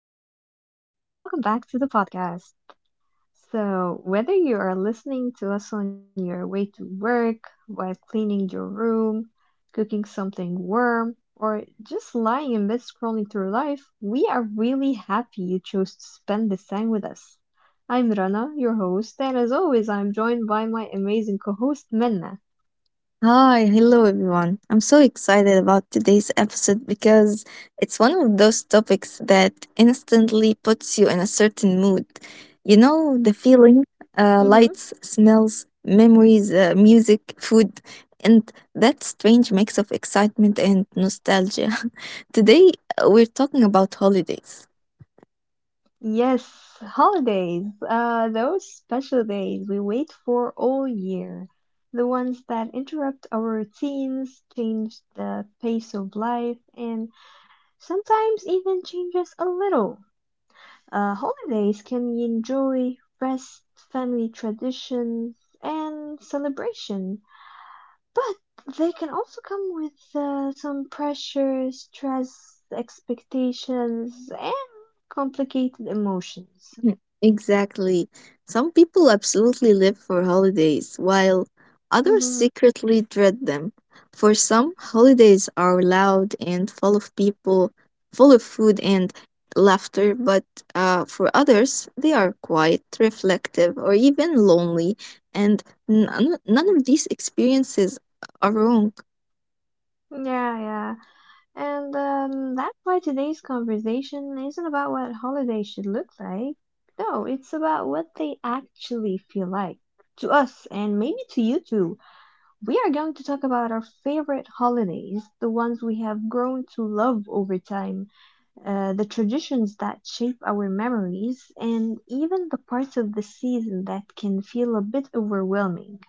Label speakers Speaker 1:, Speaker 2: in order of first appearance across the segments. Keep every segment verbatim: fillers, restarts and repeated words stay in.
Speaker 1: everyone, and welcome back to the podcast. So, whether you are listening to us on your way to work, while cleaning your room, cooking something warm, or just lying in bed scrolling through life, we are really happy you chose to spend this time with us. I'm Rana, your host, and as always, I'm joined by my amazing co host, Minna.
Speaker 2: Hi, hello everyone. I'm so excited about today's episode because it's one of those topics that instantly puts you in a certain mood. You know, the feeling uh, lights, smells, memories, uh, music, food, and that strange mix of excitement and nostalgia. Today, uh, we're talking about holidays.
Speaker 1: Yes, holidays. Uh, those special days we wait for all year. The ones that interrupt our routines, change the pace of life, and sometimes even change us a little. Uh, holidays can enjoy rest, family traditions, and celebration, but they can also come with uh, some pressure, stress, expectations, and complicated emotions.
Speaker 2: Mm, exactly. Some people absolutely live for holidays, while others
Speaker 1: Mm-hmm.
Speaker 2: secretly dread them. For some, holidays are loud and full of people, full of food and laughter, but uh, for others, they are quiet, reflective, or even lonely, and none, none of these experiences are wrong.
Speaker 1: Yeah, yeah. And um, that's why today's conversation isn't about what holidays should look like. No, it's about what they actually feel like. To us, and maybe to you too, we are going to talk about our favorite holidays, the ones we have grown to love over time, uh, the traditions that shape our memories, and even the parts of the season that can feel a bit overwhelming.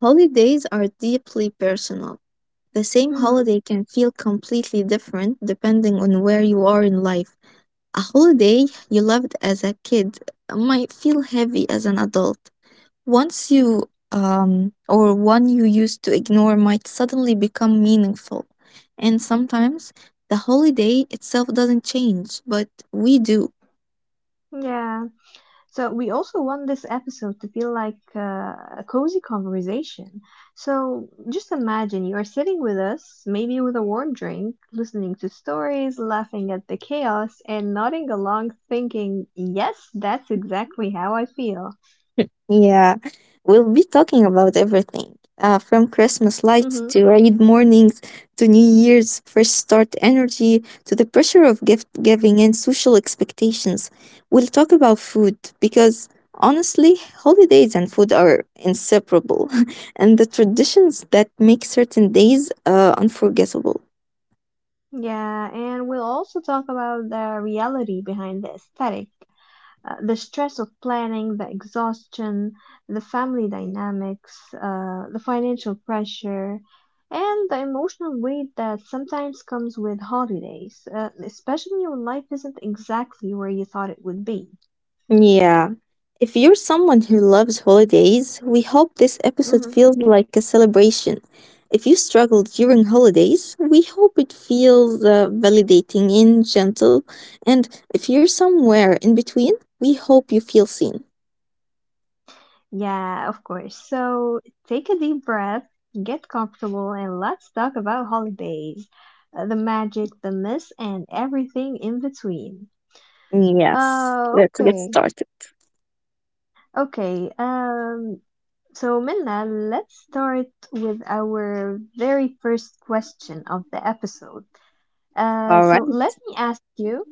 Speaker 2: Holidays are deeply personal. The same
Speaker 1: Mm-hmm.
Speaker 2: holiday can feel completely different depending on where you are in life. A holiday you loved as a kid might feel heavy as an adult. Once you um or one you used to ignore might suddenly become meaningful. And sometimes the holiday itself doesn't change, but we do.
Speaker 1: Yeah, so we also want this episode to feel like uh, a cozy conversation. So just imagine you are sitting with us, maybe with a warm drink, listening to stories, laughing at the chaos, and nodding along, thinking, "Yes, that's exactly how I feel."
Speaker 2: Yeah, we'll be talking about everything uh, from Christmas
Speaker 1: Mhm.
Speaker 2: lights to raid mornings, to New Year's fresh start energy, to the pressure of gift giving and social expectations. We'll talk about food because, honestly, holidays and food are inseparable, and the traditions that make certain days uh, unforgettable.
Speaker 1: Yeah, and we'll also talk about the reality behind the aesthetic, uh, the stress of planning, the exhaustion, the family dynamics, uh, the financial pressure, and the emotional weight that sometimes comes with holidays, uh, especially when life isn't exactly where you thought it would be.
Speaker 2: Yeah. If you're someone who loves holidays, we hope this episode
Speaker 1: Hmm.
Speaker 2: feels like a celebration. If you struggle during holidays, we hope it feels uh, validating and gentle. And if you're somewhere in between, we hope you feel seen.
Speaker 1: Yeah, of course. So take a deep breath, get comfortable, and let's talk about holidays. Uh, the magic, the miss, and everything in between.
Speaker 2: Yes,
Speaker 1: Uh,
Speaker 2: let's get
Speaker 1: okay.
Speaker 2: started.
Speaker 1: Okay, um, So, Minna, let's start with our very first question of the episode. Uh,
Speaker 2: All
Speaker 1: so,
Speaker 2: right.
Speaker 1: let me ask you,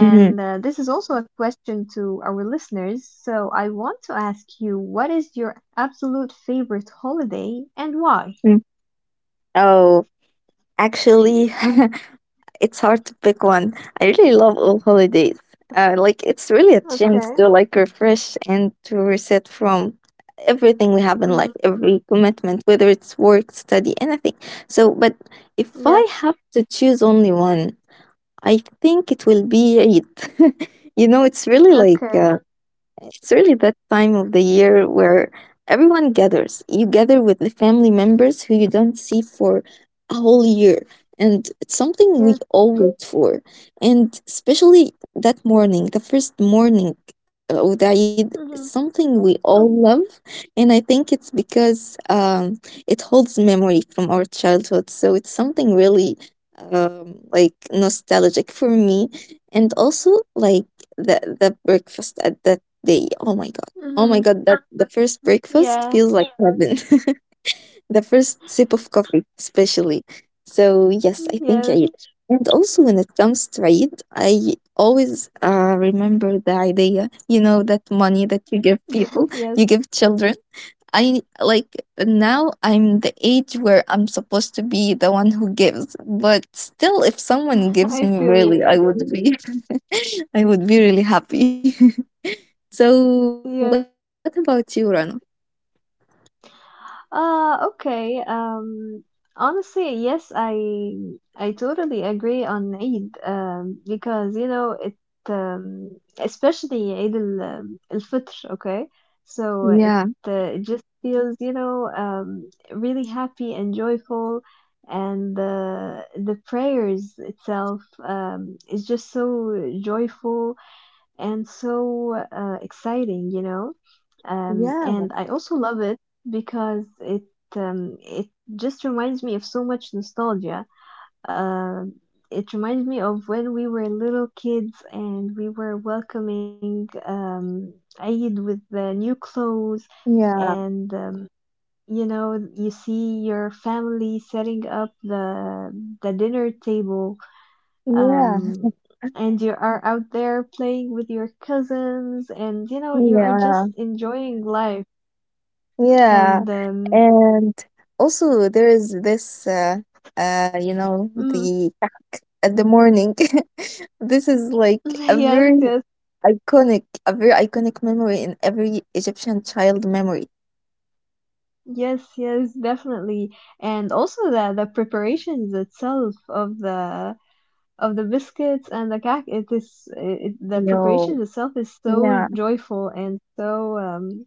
Speaker 2: Mhm.
Speaker 1: uh, this is also a question to our listeners. So, I want to ask you, what is your absolute favorite holiday and why?
Speaker 2: Mm. Oh, actually, it's hard to pick one. I really love all holidays. Uh, like, it's really a
Speaker 1: Okay.
Speaker 2: chance to, like, refresh and to reset from everything we have in life,
Speaker 1: Mm,
Speaker 2: every commitment, whether it's work, study, anything. So, but if I
Speaker 1: yes.
Speaker 2: have to choose only one, I think it will be Eid. You know, it's really like,
Speaker 1: Okay.
Speaker 2: uh, it's really that time of the year where everyone gathers. You gather with the family members who you don't see for a whole year. And it's something we
Speaker 1: Yes.
Speaker 2: all wait for. And especially that morning, the first morning uh, of the Eid, it's
Speaker 1: Mm-hmm.
Speaker 2: something we all love. And I think it's because, um, it holds memory from our childhood. So it's something really, um, like, nostalgic for me. And also, like, the the breakfast at the— they, oh my god. Oh my
Speaker 1: Mm-hmm.
Speaker 2: god, that the first breakfast
Speaker 1: Yeah.
Speaker 2: feels like heaven. The first sip of coffee, especially. So yes, I
Speaker 1: Yes.
Speaker 2: think Eid. And also, when it comes to Eid, I always uh, remember the idea, you know, that money that you give
Speaker 1: Yes.
Speaker 2: people, you give children. I, like, now I'm the age where I'm supposed to be the one who gives, but still, if someone gives
Speaker 1: I
Speaker 2: me,
Speaker 1: feel
Speaker 2: really, I
Speaker 1: you.
Speaker 2: would be, I would be really happy. So, what about
Speaker 1: Yes.
Speaker 2: you, Rana?
Speaker 1: Uh, okay. Um, Honestly, yes, I I totally agree on Eid. Um, because you know it. Um, Especially Eid al um, al Fitr. Okay, so
Speaker 2: Yeah,
Speaker 1: it uh, it just feels you know um really happy and joyful, and the the prayers itself um is just so joyful and so uh, exciting, you know. Um,
Speaker 2: yeah,
Speaker 1: and I also love it because it um, it just reminds me of so much nostalgia. Um it reminds me of when we were little kids and we were welcoming um, Eid with the new clothes,
Speaker 2: yeah,
Speaker 1: and um, you know you see your family setting up the the dinner table,
Speaker 2: yeah,
Speaker 1: um, and you are out there playing with your cousins, and you know you are
Speaker 2: yeah,
Speaker 1: just enjoying life.
Speaker 2: yeah.
Speaker 1: And um,
Speaker 2: And also, there is this, uh, uh, you know,
Speaker 1: mm,
Speaker 2: the kak at the morning. This is like a
Speaker 1: yes,
Speaker 2: very
Speaker 1: yes,
Speaker 2: iconic, a very iconic memory in every Egyptian child memory.
Speaker 1: yes, yes, definitely. And also the the preparations itself of the of the biscuits and the cake, it is it, the preparations
Speaker 2: No.
Speaker 1: itself is so
Speaker 2: Yeah,
Speaker 1: joyful and so um,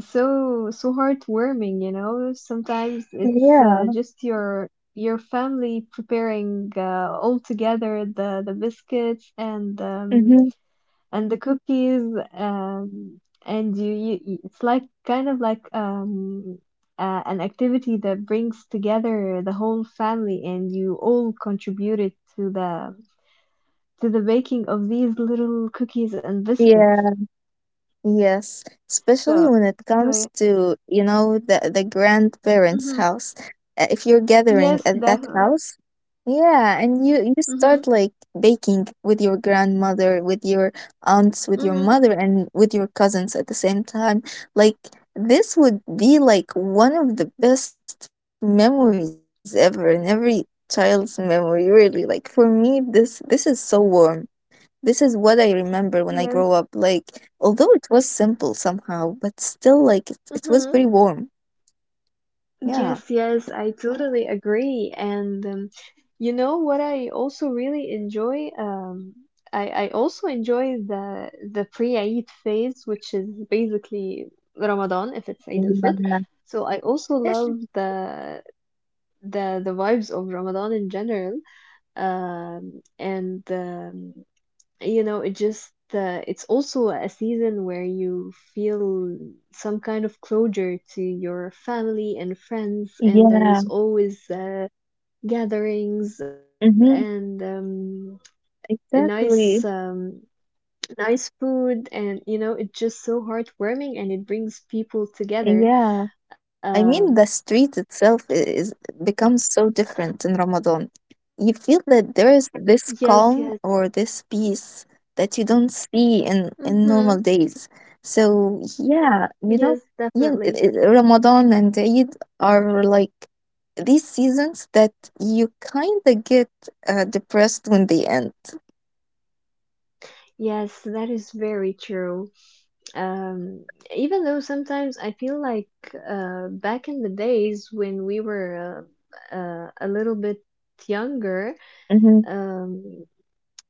Speaker 1: so so heartwarming, you know, sometimes it's uh,
Speaker 2: yeah.
Speaker 1: just your your family preparing uh, all together the the biscuits and um
Speaker 2: Mm-hmm.
Speaker 1: and the cookies, um and you, you you- it's like kind of like um uh, an activity that brings together the whole family and you all contributed to the to the baking of these little cookies and biscuits.
Speaker 2: Yeah. Yes, especially
Speaker 1: so
Speaker 2: when it comes
Speaker 1: so
Speaker 2: to, you know, the the
Speaker 1: yeah.
Speaker 2: grandparents'
Speaker 1: hmm
Speaker 2: house. Uh, If you're gathering
Speaker 1: Yes,
Speaker 2: at that
Speaker 1: definitely.
Speaker 2: house, yeah, and you you
Speaker 1: Hmm.
Speaker 2: start, like, baking with your grandmother, with your aunts, with your
Speaker 1: Hmm.
Speaker 2: mother, and with your cousins at the same time. Like, this would be like one of the best memories ever in every child's memory, really. Like, for me, this this is so warm. This is what I remember when I
Speaker 1: Yes.
Speaker 2: grow up. Like, although it was simple somehow, but still, like, it, it
Speaker 1: Hmm.
Speaker 2: was very warm.
Speaker 1: Yes,
Speaker 2: Yeah.
Speaker 1: yes, I totally agree. And um, you know what I also really enjoy? Um, I, I also enjoy the the pre-Eid phase, which is basically Ramadan if it's Eid al-Fitr.
Speaker 2: Yeah.
Speaker 1: So I also love the the the vibes of Ramadan in general. Um, and um, You know, it just uh, it's also a season where you feel some kind of closure to your family and friends, and there's
Speaker 2: Yeah.
Speaker 1: always uh, gatherings and
Speaker 2: Mm-hmm.
Speaker 1: um, a nice
Speaker 2: Exactly.
Speaker 1: um, nice food, and you know it's just so heartwarming and it brings people together.
Speaker 2: Yeah. I
Speaker 1: um,
Speaker 2: mean, the street itself is— becomes so different in Ramadan. You feel that there is this
Speaker 1: yes, yes.
Speaker 2: calm or this peace that you don't see in in
Speaker 1: Mm-hmm.
Speaker 2: normal days. So yeah, you know,
Speaker 1: Yes,
Speaker 2: yeah,
Speaker 1: definitely.
Speaker 2: it- it- Ramadan and Eid are like these seasons that you kind of get uh, depressed when they end.
Speaker 1: Yes, that is very true. Um, Even though sometimes I feel like uh, back in the days when we were uh, uh, a little bit younger,
Speaker 2: Hmm.
Speaker 1: um,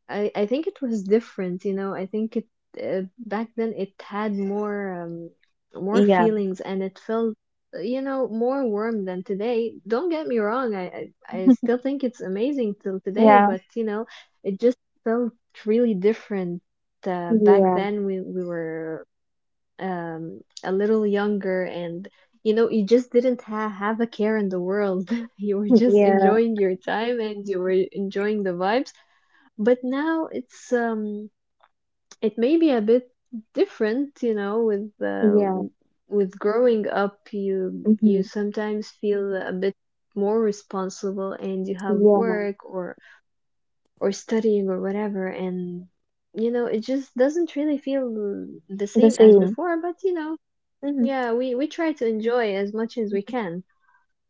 Speaker 1: I, I think it was different, you know. I think it uh, back then it had more um, more
Speaker 2: Yeah,
Speaker 1: feelings, and it felt, you know, more warm than today. Don't get me wrong, I, I, I still think it's amazing till today,
Speaker 2: yeah,
Speaker 1: but you know, it just felt really different. Uh, back
Speaker 2: yeah,
Speaker 1: then we, we were um a little younger, and you know you just didn't ha- have a care in the world. You were just
Speaker 2: yeah,
Speaker 1: enjoying your time and you were enjoying the vibes, but now it's um it may be a bit different, you know, with uh,
Speaker 2: yeah.
Speaker 1: w- with growing up you
Speaker 2: Hmm.
Speaker 1: you sometimes feel a bit more responsible and you have
Speaker 2: Yeah,
Speaker 1: work or or studying or whatever, and you know it just doesn't really feel the
Speaker 2: the
Speaker 1: same as
Speaker 2: same.
Speaker 1: before, but you know,
Speaker 2: Hmm.
Speaker 1: yeah, we we try to enjoy as much as we can.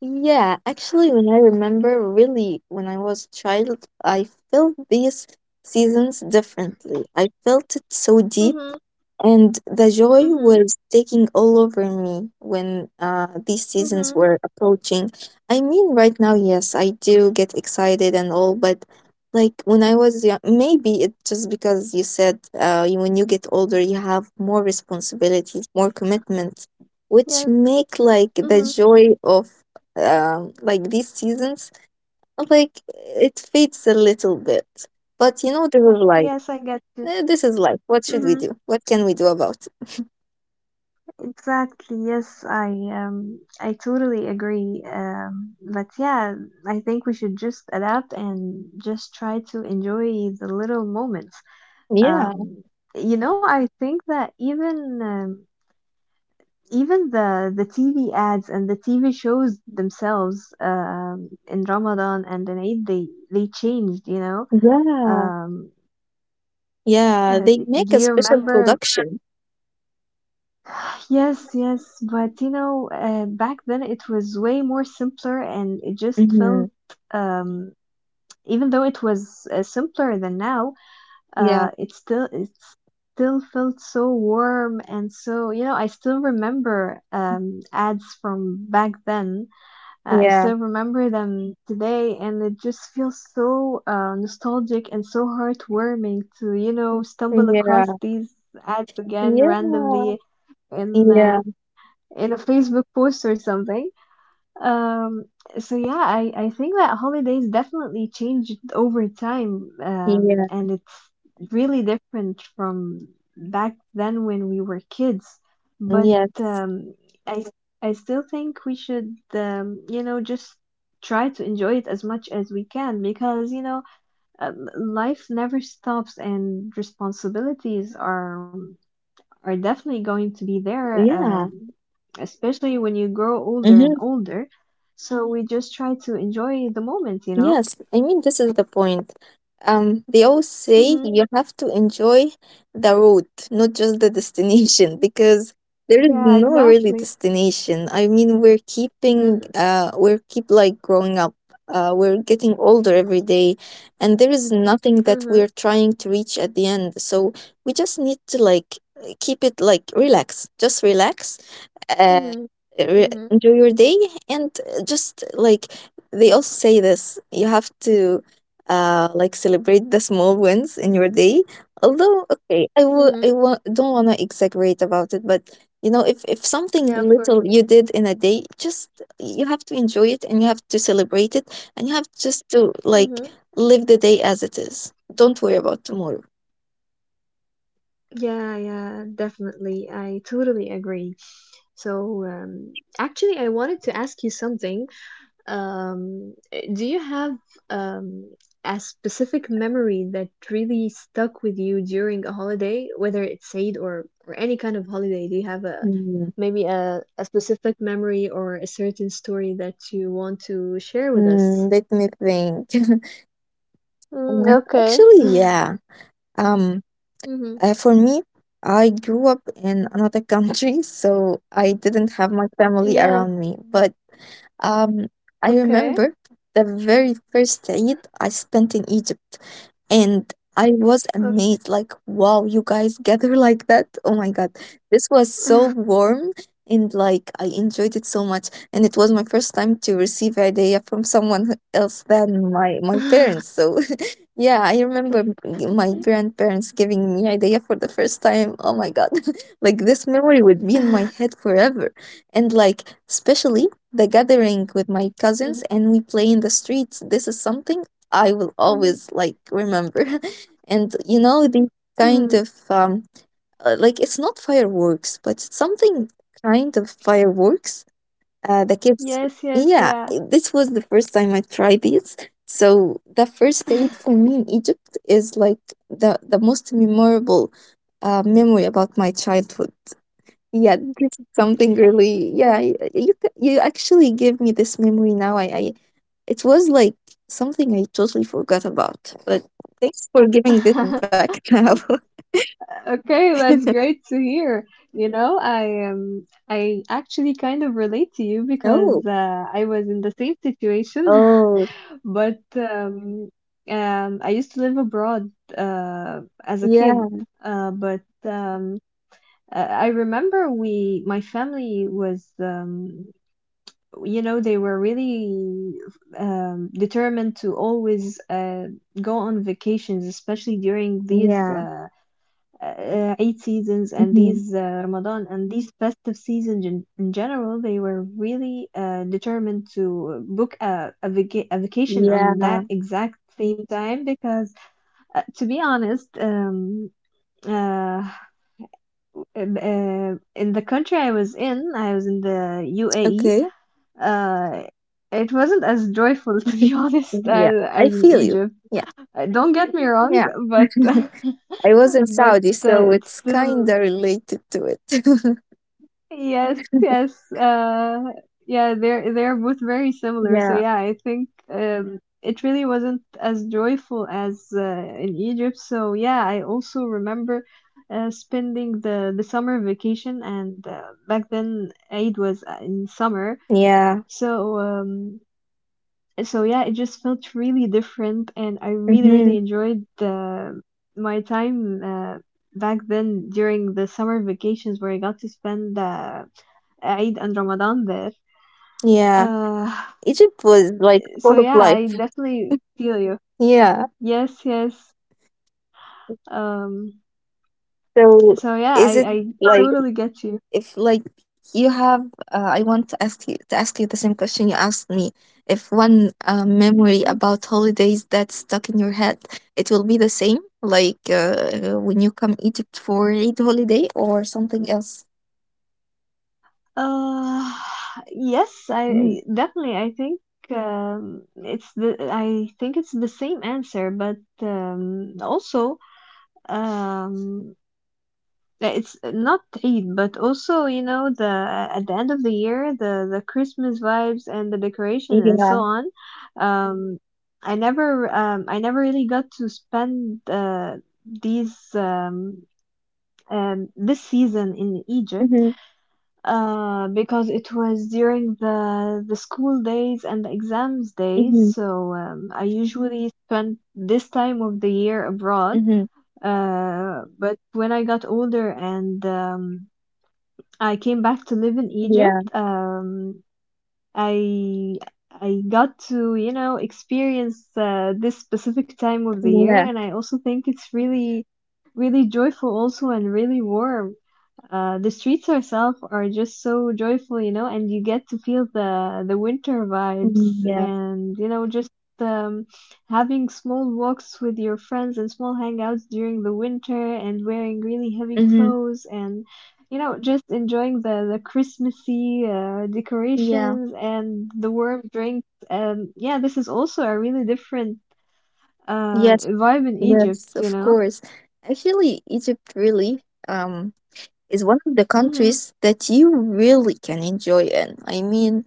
Speaker 2: Yeah, actually, when I remember, really, when I was a child, I felt these seasons differently. I felt it so deep,
Speaker 1: Mhm.
Speaker 2: and the joy
Speaker 1: Mhm.
Speaker 2: was taking all over me when, uh, these seasons
Speaker 1: Mhm.
Speaker 2: were approaching. I mean, right now, yes, I do get excited and all, but, like, when I was young, maybe it's just because you said, uh, you- when you get older, you have more responsibilities, more commitments, which
Speaker 1: Yes.
Speaker 2: make, like, the
Speaker 1: Mhm.
Speaker 2: joy of, um, like, these seasons, like, it fades a little bit. But, you know, this is life.
Speaker 1: Yes, I get you.
Speaker 2: Eh, this is life. What should we
Speaker 1: Mhm.
Speaker 2: do? What can we do about?
Speaker 1: Exactly. Yes, I um I totally agree. Um, but yeah, I think we should just adapt and just try to enjoy the little moments.
Speaker 2: Yeah,
Speaker 1: Um, you know, I think that even um, even the the T V ads and the T V shows themselves um in Ramadan and in Eid they they changed, you know.
Speaker 2: yeah,
Speaker 1: Um,
Speaker 2: yeah.
Speaker 1: uh,
Speaker 2: They make
Speaker 1: do
Speaker 2: a
Speaker 1: you
Speaker 2: special
Speaker 1: remember?
Speaker 2: production.
Speaker 1: Yes, yes, but you know, uh, back then it was way more simpler and it just
Speaker 2: Mm-hmm.
Speaker 1: felt, um, even though it was uh, simpler than now,
Speaker 2: Yeah,
Speaker 1: uh, it still it still felt so warm, and so, you know, I still remember um ads from back then. Uh, I
Speaker 2: yeah,
Speaker 1: still remember them today, and it just feels so uh, nostalgic and so heartwarming to, you know, stumble
Speaker 2: yeah,
Speaker 1: across these ads again
Speaker 2: yeah,
Speaker 1: randomly in
Speaker 2: yeah,
Speaker 1: uh, in a Facebook post or something. Um, so yeah, I, I think that holidays definitely changed over time, um,
Speaker 2: yeah,
Speaker 1: and it's really different from back then when we were kids. But
Speaker 2: yes,
Speaker 1: um, I I still think we should, um, you know, just try to enjoy it as much as we can because you know, um, life never stops and responsibilities are are definitely going to be there,
Speaker 2: yeah.
Speaker 1: um, especially when you grow older and
Speaker 2: Mm-hmm.
Speaker 1: older. So we just try to enjoy the moment, you know?
Speaker 2: Yes, I mean, this is the point. Um, they always say
Speaker 1: Mm-hmm.
Speaker 2: you have to enjoy the road, not just the destination, because there is
Speaker 1: Yeah,
Speaker 2: no really
Speaker 1: exactly.
Speaker 2: destination. I mean, we're keeping,
Speaker 1: Mm-hmm.
Speaker 2: uh, we're keep, like, growing up. Uh, we're getting older every day, and there is nothing that
Speaker 1: Mm-hmm.
Speaker 2: we're trying to reach at the end. So we just need to, like, keep it, like, relax, just relax, uh,
Speaker 1: Mm-hmm.
Speaker 2: re-
Speaker 1: Mm-hmm.
Speaker 2: enjoy your day, and uh, just, like, they also say this, you have to, uh, like, celebrate the small wins in your day. Although, okay, I I will. I
Speaker 1: Mm-hmm.
Speaker 2: w- I w- don't want to exaggerate about it, but you know, if, if something
Speaker 1: Yeah, of course.
Speaker 2: little you did in a day, just, you have to enjoy it, and you have to celebrate it, and you have just to, like,
Speaker 1: Mm-hmm.
Speaker 2: live the day as it is. Don't worry about tomorrow.
Speaker 1: Yeah, yeah, definitely. I totally agree. So, um, actually, I wanted to ask you something. Um, do you have um, a specific memory that really stuck with you during a holiday, whether it's Eid or or any kind of holiday? Do you have a
Speaker 2: Mm,
Speaker 1: maybe a, a specific memory or a certain story that you want to share with us?
Speaker 2: mm, let me think.
Speaker 1: Mm,
Speaker 2: Uh,
Speaker 1: okay.
Speaker 2: Actually, yeah. Um,
Speaker 1: Hmm.
Speaker 2: Uh, for me, I grew up in another country, so I didn't have my family
Speaker 1: Yeah.
Speaker 2: around me. But, um, I
Speaker 1: Okay.
Speaker 2: remember the very first Eid I spent in Egypt, and I was
Speaker 1: Okay.
Speaker 2: amazed, like, wow, you guys gather like that? Oh my God, this was so warm. And, like, I enjoyed it so much, and it was my first time to receive a idea from someone else than my my parents. So, yeah, I remember g- my grandparents giving me idea for the first time. Oh my god. Like, this memory would be in my head forever. And, like, especially the gathering with my
Speaker 1: Mhm,
Speaker 2: cousins, and we play in the streets. This is something I will
Speaker 1: mhm,
Speaker 2: always, like, remember. And, you know, the kind
Speaker 1: mhm.
Speaker 2: of, um uh, like, it's not fireworks, but it's something kind of fireworks, uh, the kids,
Speaker 1: Yes, yes,
Speaker 2: yeah,
Speaker 1: yeah.
Speaker 2: this was the first time I tried these. So the first date for me in Egypt is, like, the the most memorable uh, memory about my childhood. Yeah, this is something really—
Speaker 1: Yes.
Speaker 2: yeah, y- you c- you actually give me this memory now. I, I It was, like, something I totally forgot about. But thanks for giving this back now.
Speaker 1: Okay, that's great to hear. You know, I um I actually kind of relate to you
Speaker 2: Oh,
Speaker 1: because uh, I was in the same situation,
Speaker 2: oh,
Speaker 1: but um um I used to live abroad uh as a kid,
Speaker 2: yeah,
Speaker 1: uh but um uh, I remember we my family was um you know they were really um determined to always uh go on vacations, especially during these
Speaker 2: yeah.
Speaker 1: uh uh, Eid seasons and
Speaker 2: Hmm.
Speaker 1: these uh, Ramadan and these festive seasons in, in general, they were really uh, determined to book a, a, vaca- a vacation on
Speaker 2: Yeah.
Speaker 1: that exact same time because, uh, to be honest, um, uh, um, uh, in the country I was in, I was in the U A E.
Speaker 2: Okay.
Speaker 1: Uh, it wasn't as joyful, to be honest,
Speaker 2: Yeah,
Speaker 1: as,
Speaker 2: I
Speaker 1: as in
Speaker 2: feel you.
Speaker 1: Egypt.
Speaker 2: Yeah,
Speaker 1: Uh, Don't get me wrong,
Speaker 2: yeah.
Speaker 1: but
Speaker 2: I was in
Speaker 1: but
Speaker 2: Saudi,
Speaker 1: uh,
Speaker 2: so
Speaker 1: it's
Speaker 2: it's kind
Speaker 1: still—
Speaker 2: of related to it.
Speaker 1: Yes, yes. Uh, yeah, they're they're both very similar. So
Speaker 2: Yeah,
Speaker 1: yeah, I think um, it really wasn't as joyful as uh, in Egypt. So yeah, I also remember uh, spending the the summer vacation, and uh, back then Eid was uh, in summer.
Speaker 2: yeah.
Speaker 1: So um, so yeah, it just felt really different,
Speaker 2: Hmm.
Speaker 1: and I really really enjoyed the my time uh, back then during the summer vacations where I got to spend uh, Eid and Ramadan there.
Speaker 2: Yeah.
Speaker 1: Uh,
Speaker 2: Egypt was like
Speaker 1: so
Speaker 2: full of
Speaker 1: yeah,
Speaker 2: life.
Speaker 1: I definitely feel you.
Speaker 2: Yeah.
Speaker 1: Yes, yes. Um,
Speaker 2: So,
Speaker 1: so yeah, I
Speaker 2: is it,
Speaker 1: I
Speaker 2: like,
Speaker 1: totally get you.
Speaker 2: if, like, you have, uh, i want to ask you to ask you the same question you asked me. If one uh, memory
Speaker 1: Mm.
Speaker 2: about holidays that's stuck in your head, it will be the same? Like, uh, when you come Egypt for Eid holiday, or something else?
Speaker 1: Uh, yes, I I-
Speaker 2: Mm.
Speaker 1: definitely, I think um it's the— I think it's the same answer, but um also um it's not Eid, but also you know the at the end of the year the the Christmas vibes and the decoration and so
Speaker 2: Yeah.
Speaker 1: on. Um, I never um I never really got to spend uh these um um this season in Egypt
Speaker 2: Mm-hmm.
Speaker 1: uh because it was during the the school days and the exams days,
Speaker 2: Mm-hmm.
Speaker 1: so um, I usually spend this time of the year abroad.
Speaker 2: Mm-hmm.
Speaker 1: Uh, but when I got older and um, I came back to live in Egypt,
Speaker 2: Yeah,
Speaker 1: um, I I got to you know experience uh, this specific time of the year,
Speaker 2: yeah.
Speaker 1: and I also think it's really really joyful also and really warm. Uh, the streets herself are just so joyful, you know, and you get to feel the the winter vibes,
Speaker 2: Mm, yeah.
Speaker 1: and you know, just um, having small walks with your friends and small hangouts during the winter, and wearing really heavy
Speaker 2: Mm-hmm.
Speaker 1: clothes, and you know, just enjoying the the Christmassy uh,
Speaker 2: Yeah,
Speaker 1: decorations and the warm drinks. And yeah, this is also a really different uh
Speaker 2: yes,
Speaker 1: vibe in Egypt,
Speaker 2: yes,
Speaker 1: you
Speaker 2: of
Speaker 1: know.
Speaker 2: course. Actually, Egypt really um is one of the
Speaker 1: Mhm.
Speaker 2: countries that you really can enjoy in. I mean,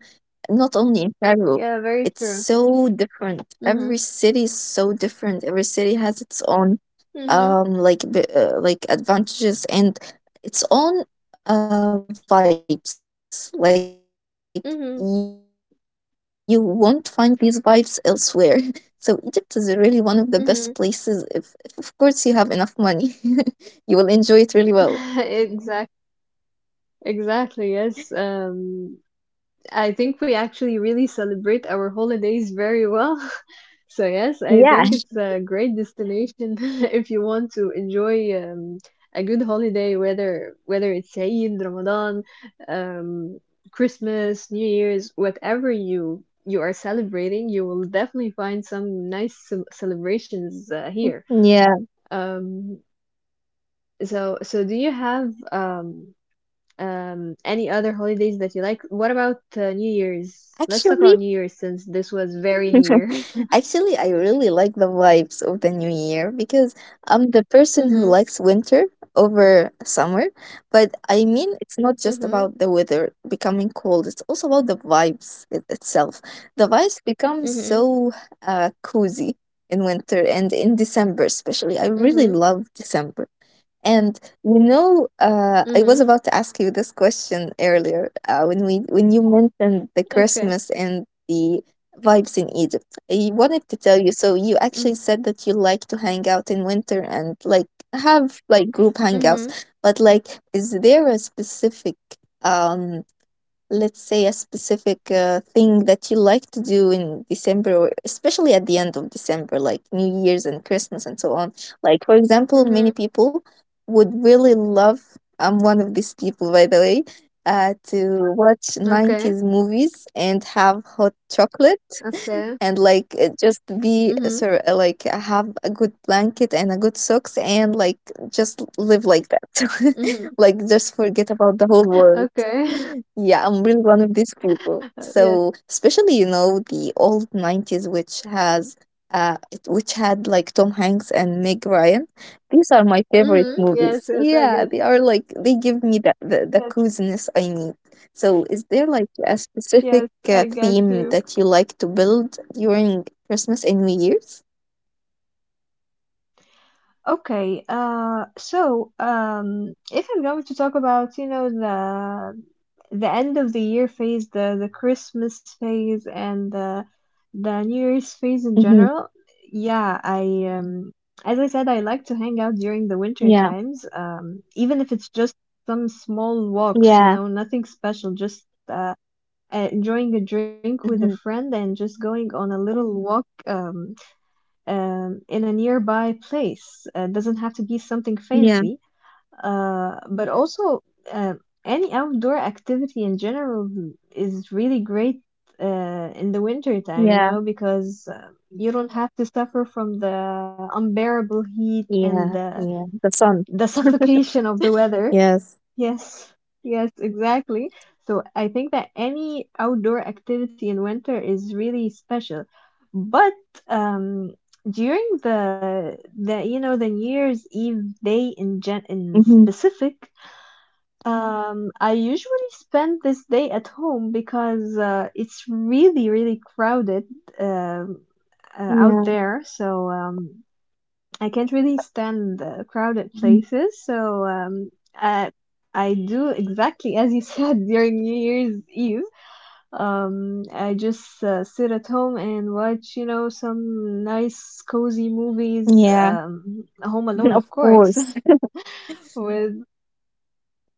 Speaker 2: not only in Cairo,
Speaker 1: Yeah, very
Speaker 2: it's
Speaker 1: true.
Speaker 2: so different. Every
Speaker 1: Mhm.
Speaker 2: city is so different. Every city has its own,
Speaker 1: Mhm.
Speaker 2: um like, b- uh, like advantages, and its own uh vibes. Like, you won't find these vibes
Speaker 1: Mhm.
Speaker 2: elsewhere. So Egypt is really one of the best places if, if of course, you have enough money.
Speaker 1: Hmm.
Speaker 2: You will enjoy it really well.
Speaker 1: Exact, exactly. Yes. Um, I think we actually really celebrate our holidays very well.
Speaker 2: Yeah.
Speaker 1: So yes, I think it's a great destination if you want to enjoy um, a good holiday, whether whether it's Eid, Ramadan, um, Christmas, New Year's, whatever you you are celebrating, you will definitely find some nice ce- celebrations uh, here.
Speaker 2: Yeah.
Speaker 1: Um, so so do you have um? Um, any other holidays that you like? What about uh, New Year's? Let's talk about
Speaker 2: Actually,
Speaker 1: New Year's since this was very near.
Speaker 2: actually, I really like the vibes of the new year, because I'm the person who
Speaker 1: Mhm.
Speaker 2: likes winter over summer. But I mean, it's not just
Speaker 1: Mhm.
Speaker 2: about the weather becoming cold, it's also about the vibes it itself. The vibes become
Speaker 1: Mhm.
Speaker 2: so, uh, cozy in winter, and in December,
Speaker 1: Mhm.
Speaker 2: especially. I really love December. And, you know,
Speaker 1: Mhm.
Speaker 2: uh, I was about to ask you this question earlier, uh, when we when you mentioned the
Speaker 1: Okay.
Speaker 2: Christmas and the vibes in Egypt. I wanted to tell you. So, you actually
Speaker 1: Mhm.
Speaker 2: said that you like to hang out in winter, and, like, have, like, group hangouts.
Speaker 1: Mhm.
Speaker 2: But like, is there a specific um let's say a specific uh, thing that you like to do in December, or especially at the end of December, like New Year's and Christmas and so on? Like, for example, many
Speaker 1: Mhm.
Speaker 2: people would really love, I'm one of these people by the way, uh, to watch
Speaker 1: Okay.
Speaker 2: nineties movies and have hot chocolate,
Speaker 1: Okay.
Speaker 2: and like, uh, just be
Speaker 1: Mhm.
Speaker 2: sort of like have a good blanket and a good socks, and like just live like that,
Speaker 1: Mhm.
Speaker 2: like just forget about the whole world.
Speaker 1: Okay.
Speaker 2: Yeah, I'm really one of these people.
Speaker 1: Uh, yes.
Speaker 2: So, especially you know the old nineties, which has uh, it- which had like Tom Hanks and Meg Ryan. These are my favorite
Speaker 1: Mhm. Yes.
Speaker 2: movies.
Speaker 1: Yes. I
Speaker 2: Yeah,
Speaker 1: get.
Speaker 2: they are like they give me that the, the
Speaker 1: Yes.
Speaker 2: coziness I need. So, is there like a
Speaker 1: Yes.
Speaker 2: specific uh,
Speaker 1: I get
Speaker 2: theme
Speaker 1: you.
Speaker 2: that you like to build during Christmas and New Year's?
Speaker 1: Okay, uh, so um, if I'm going to talk about, you know, the the end of the year phase, the the Christmas phase, and the the New Year's phase in
Speaker 2: Mm-hmm.
Speaker 1: general, yeah, I um, as I said, I like to hang out during the winter
Speaker 2: Yeah,
Speaker 1: times, um, even if it's just some small walks, you
Speaker 2: yeah,
Speaker 1: know, nothing special, just uh, uh, enjoying a drink with a
Speaker 2: mm-hmm.
Speaker 1: friend and just going on a little walk, um, um, in a nearby place. Uh, doesn't have to be something
Speaker 2: Yeah,
Speaker 1: fancy, uh, but also uh, any outdoor activity in general is really great uh, in the winter time, you
Speaker 2: yeah,
Speaker 1: know, because uh, you don't have to suffer from the unbearable heat and
Speaker 2: yeah,
Speaker 1: the
Speaker 2: yeah, the sun.
Speaker 1: the suffocation of the weather.
Speaker 2: Yes.
Speaker 1: Yes, yes, exactly. So I think that any outdoor activity in winter is really special. But um, during the the you know the New Year's Eve day in gen in
Speaker 2: Mhm.
Speaker 1: specific, um, I usually spend this day at home because uh, it's really really crowded, um, uh, out
Speaker 2: Yeah.
Speaker 1: there. So um, I can't really stand the crowded
Speaker 2: Mhm.
Speaker 1: places, so um, I I do exactly as you said during New Year's Eve. Um, I just uh, sit at home and watch, you know, some nice cozy movies.
Speaker 2: Yeah.
Speaker 1: Um, Home Alone,
Speaker 2: Of
Speaker 1: of course,
Speaker 2: course.
Speaker 1: with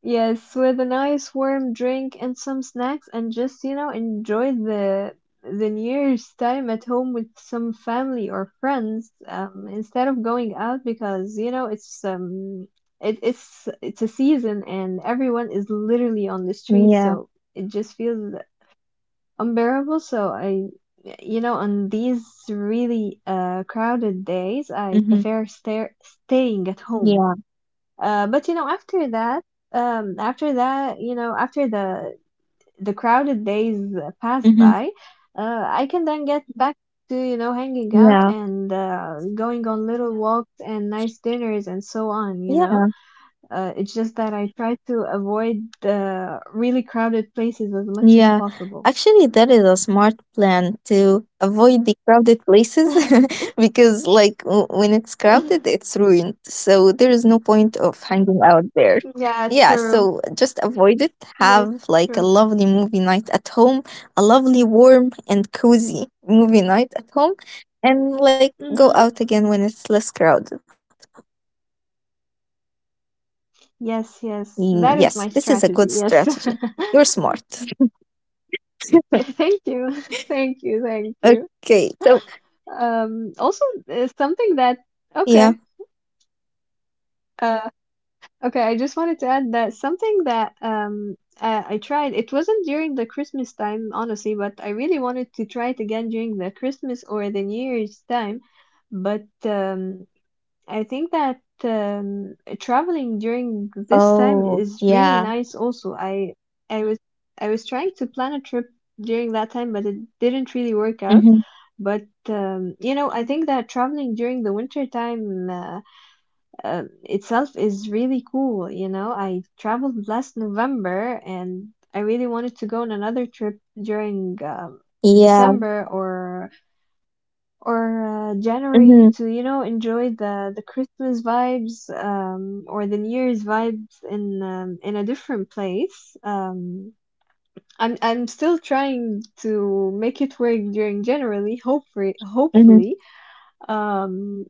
Speaker 1: Yes, with a nice warm drink and some snacks, and just, you know, enjoy the the New Year's time at home with some family or friends, um, instead of going out because, you know, it's um it, it's it's a season and everyone is literally on the street,
Speaker 2: Yeah.
Speaker 1: so it just feels unbearable. So I, you know, on these really uh crowded days, I
Speaker 2: Hmm.
Speaker 1: prefer stay staying at home.
Speaker 2: Yeah.
Speaker 1: Uh, but you know, after that, um, after that, you know, after the the crowded days pass
Speaker 2: Hmm.
Speaker 1: by, uh, I can then get back to, you know, hanging out
Speaker 2: Yeah.
Speaker 1: and uh, going on little walks and nice dinners and so on, you know.
Speaker 2: Yeah.
Speaker 1: Uh, it's just that I try to avoid the really crowded places as much as
Speaker 2: Yeah.
Speaker 1: possible.
Speaker 2: Actually, that is a smart plan to avoid the crowded places, because, like, w- when it's crowded, it's ruined. So there is no point of hanging out there.
Speaker 1: Yeah,
Speaker 2: Yeah.
Speaker 1: true.
Speaker 2: So just avoid it.
Speaker 1: Yes,
Speaker 2: Have like a
Speaker 1: true.
Speaker 2: lovely movie night at home, a lovely, warm, and cozy movie night at home, and like
Speaker 1: Mm-hmm.
Speaker 2: go out again when it's less crowded.
Speaker 1: Yes, yes. That is my
Speaker 2: Mm,
Speaker 1: strategy.
Speaker 2: yes,
Speaker 1: Yes.
Speaker 2: this is a good strategy. You're smart.
Speaker 1: Thank you. Thank you. Thank you.
Speaker 2: Okay, so
Speaker 1: Um, also, uh, something that, okay.
Speaker 2: yeah.
Speaker 1: Uh, okay, I just wanted to add that something that um I, I tried, it wasn't during the Christmas time, honestly, but I really wanted to try it again during the Christmas or the New Year's time. But um, I think that um, traveling during this time
Speaker 2: Oh,
Speaker 1: is really
Speaker 2: yeah.
Speaker 1: nice also. I I was I was trying to plan a trip during that time, but it didn't really work out.
Speaker 2: Mm-hmm.
Speaker 1: But um, you know, I think that traveling during the winter time uh, uh, itself is really cool. You know, I traveled last November, and I really wanted to go on another trip during um,
Speaker 2: Yeah.
Speaker 1: December or or uh, January
Speaker 2: Mm-hmm.
Speaker 1: to you know enjoy the the Christmas vibes um, or the New Year's vibes in um, in a different place. Um, I'm I'm still trying to make it work during January, hopefully,
Speaker 2: Mm-hmm.
Speaker 1: hopefully um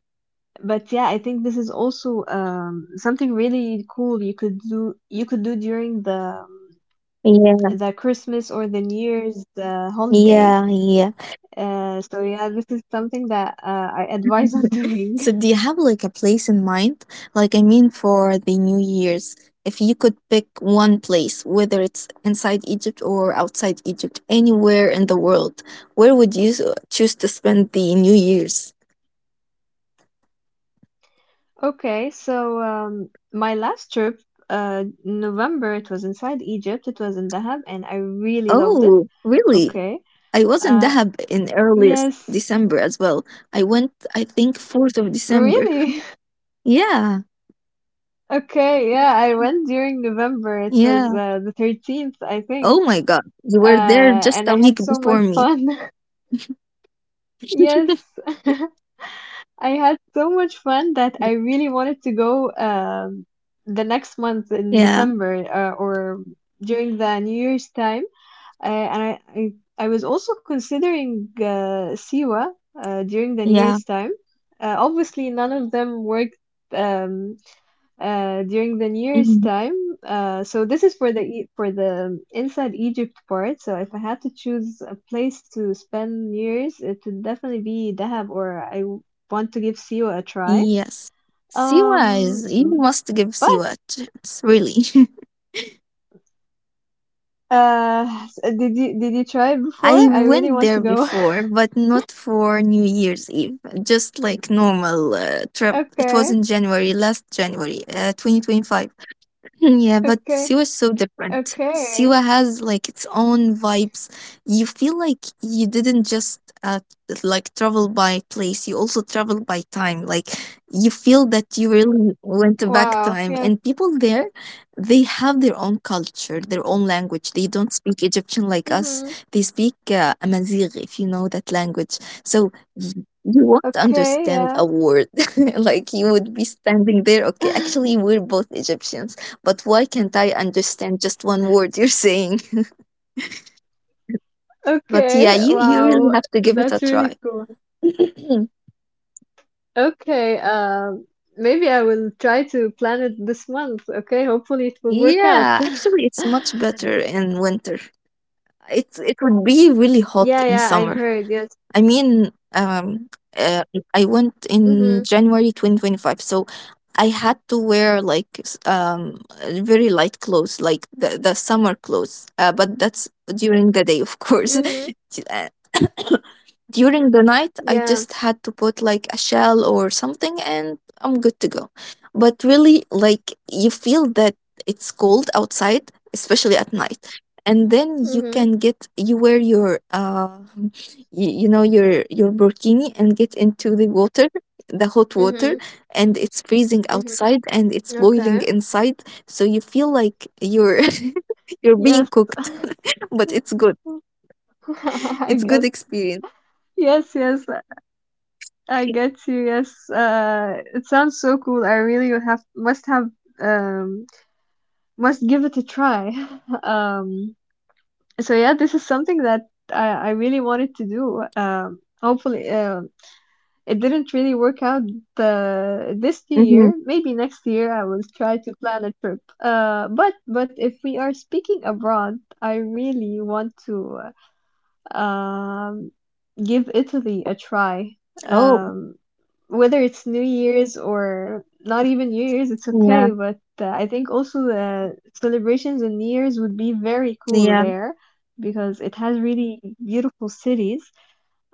Speaker 1: but yeah, I think this is also um something really cool you could do you could do during the
Speaker 2: Yeah.
Speaker 1: the Christmas or the New Year's uh, holiday.
Speaker 2: Yeah. Yeah.
Speaker 1: Uh so yeah, this is something that uh, I advise on doing.
Speaker 2: So do you have like a place in mind? Like, I mean, for the New Year's, if you could pick one place, whether it's inside Egypt or outside Egypt, anywhere in the world, where would you s- choose to spend the New Year's?
Speaker 1: Okay, so um, my last trip uh November, it was inside Egypt, it was in Dahab, and I really loved it.
Speaker 2: Oh, really?
Speaker 1: Okay.
Speaker 2: I was in
Speaker 1: uh
Speaker 2: Dahab in early s-
Speaker 1: yes.
Speaker 2: December as well. I went, I think, fourth of December.
Speaker 1: Really?
Speaker 2: Yeah,
Speaker 1: Okay, yeah, I went during November. It was
Speaker 2: yeah.
Speaker 1: uh, the thirteenth, I
Speaker 2: Oh
Speaker 1: think.
Speaker 2: my God, you
Speaker 1: Uh,
Speaker 2: were there just
Speaker 1: and I
Speaker 2: a
Speaker 1: had
Speaker 2: week
Speaker 1: so much
Speaker 2: before me.
Speaker 1: fun. Yes, I had so much fun that I really wanted to go um, the next month in
Speaker 2: Yeah,
Speaker 1: December uh, or during the New Year's time. Uh, and I, I, I was also considering uh, Siwa uh, during the New
Speaker 2: yeah.
Speaker 1: Year's time. Uh, obviously, none of them worked um, uh, during the New Year's
Speaker 2: Mhm.
Speaker 1: time. Uh, so this is for the E- for the inside Egypt part. So if I had to choose a place to spend New Year's, it would definitely be Dahab, or I w- want to give Siwa a try.
Speaker 2: Yes. Siwa
Speaker 1: Um,
Speaker 2: is, you must give
Speaker 1: but
Speaker 2: Siwa a chance, really.
Speaker 1: uh, s- did you did you try it before?
Speaker 2: I
Speaker 1: I really
Speaker 2: went
Speaker 1: want
Speaker 2: there
Speaker 1: to go.
Speaker 2: before, but not for New Year's Eve, just like normal uh, trip. It was
Speaker 1: Okay,
Speaker 2: in January, last January, uh, twenty twenty-five. Mm, yeah, but
Speaker 1: okay,
Speaker 2: Siwa is so different.
Speaker 1: okay.
Speaker 2: Siwa has like its own vibes. You feel like you didn't just uh, like travel by place, you also travel by time. Like, you feel that you really went back
Speaker 1: Wow.
Speaker 2: time.
Speaker 1: Yes.
Speaker 2: And people there, they have their own culture, their own language. They don't speak Egyptian like us.
Speaker 1: Mhm.
Speaker 2: They speak uh, Amazigh, if you know that language. So y- you won't
Speaker 1: Okay.
Speaker 2: understand
Speaker 1: Yeah.
Speaker 2: a word. Like, you would be standing there. Okay, actually, we're both Egyptians, but why can't I understand just one word you're saying? But yeah,
Speaker 1: Okay.
Speaker 2: you, you really
Speaker 1: Wow.
Speaker 2: have to give it a
Speaker 1: That's really
Speaker 2: try.
Speaker 1: cool. Okay, um, maybe I will try to plan it this month. Okay, hopefully it will work out.
Speaker 2: Yeah, actually, it's much better in winter. It, it would be really hot
Speaker 1: Yeah,
Speaker 2: in
Speaker 1: yeah, I've
Speaker 2: summer.
Speaker 1: heard. Yes.
Speaker 2: I mean, um, uh, I went in
Speaker 1: Mhm.
Speaker 2: January twenty twenty-five, so I had to wear like s- um uh, very light clothes, like the, the summer clothes. Uh, but that's during the day, of course.
Speaker 1: Mhm.
Speaker 2: Uh, During the night, I
Speaker 1: Yeah.
Speaker 2: just had to put like a shell or something and I'm good to go. But really, like, you feel that it's cold outside, especially at night. And then you
Speaker 1: Mhm.
Speaker 2: can get you wear your uh you, you know your your burkini and get into the water, the hot water,
Speaker 1: Mhm.
Speaker 2: and it's freezing
Speaker 1: Mhm.
Speaker 2: outside and it's boiling
Speaker 1: Okay.
Speaker 2: inside. So you feel like you're you're being
Speaker 1: Yes.
Speaker 2: cooked, but it's good.
Speaker 1: I
Speaker 2: It's good
Speaker 1: get.
Speaker 2: experience.
Speaker 1: Yes, yes, I get you. Yes. Uh, it sounds so cool. I really have must have um must give it a try. Um. So yeah, this is something that i, I really wanted to do um hopefully um it didn't really work out uh, this
Speaker 2: Mm-hmm.
Speaker 1: year. Maybe next year I will try to plan a trip, uh but but if we are speaking abroad, I really want to uh, um, give Italy a try.
Speaker 2: Oh,
Speaker 1: Um, whether it's New Year's or not even New Year's, it's
Speaker 2: yeah,
Speaker 1: okay. But uh, I think also the celebrations and New Year's would be very cool
Speaker 2: yeah,
Speaker 1: there because it has really beautiful cities.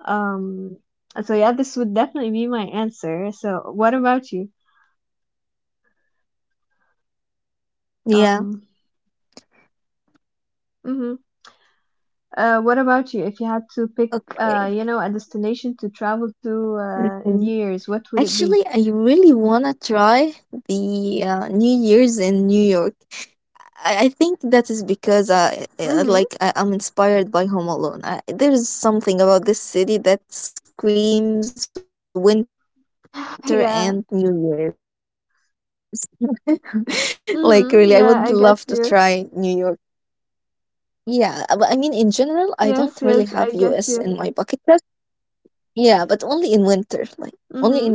Speaker 1: Um, so yeah, this would definitely be my answer. So what about you?
Speaker 2: yeah.
Speaker 1: Um, hmm. Uh, what about you? If you had to pick,
Speaker 2: Okay.
Speaker 1: uh, you know, a destination to travel to uh, in
Speaker 2: Hmm.
Speaker 1: New Year's, what would it be?
Speaker 2: Actually, I really wanna try the uh, New Year's in New York. I, I think that is because I,
Speaker 1: Hmm.
Speaker 2: I like I, I'm inspired by Home Alone. I, there's something about this city that screams winter and New Year's.
Speaker 1: Yeah.
Speaker 2: Like, really, I would love to try New York.
Speaker 1: Hmm.
Speaker 2: Yeah,
Speaker 1: Yeah,
Speaker 2: uh,
Speaker 1: I
Speaker 2: but I
Speaker 1: get
Speaker 2: mean, in
Speaker 1: you.
Speaker 2: general, I don't really have U S in my bucket list.
Speaker 1: Yes,
Speaker 2: Yeah,
Speaker 1: yes,
Speaker 2: but
Speaker 1: I
Speaker 2: only
Speaker 1: get
Speaker 2: in
Speaker 1: you.
Speaker 2: winter, like only in winter and New York. Yeah,
Speaker 1: Hmm.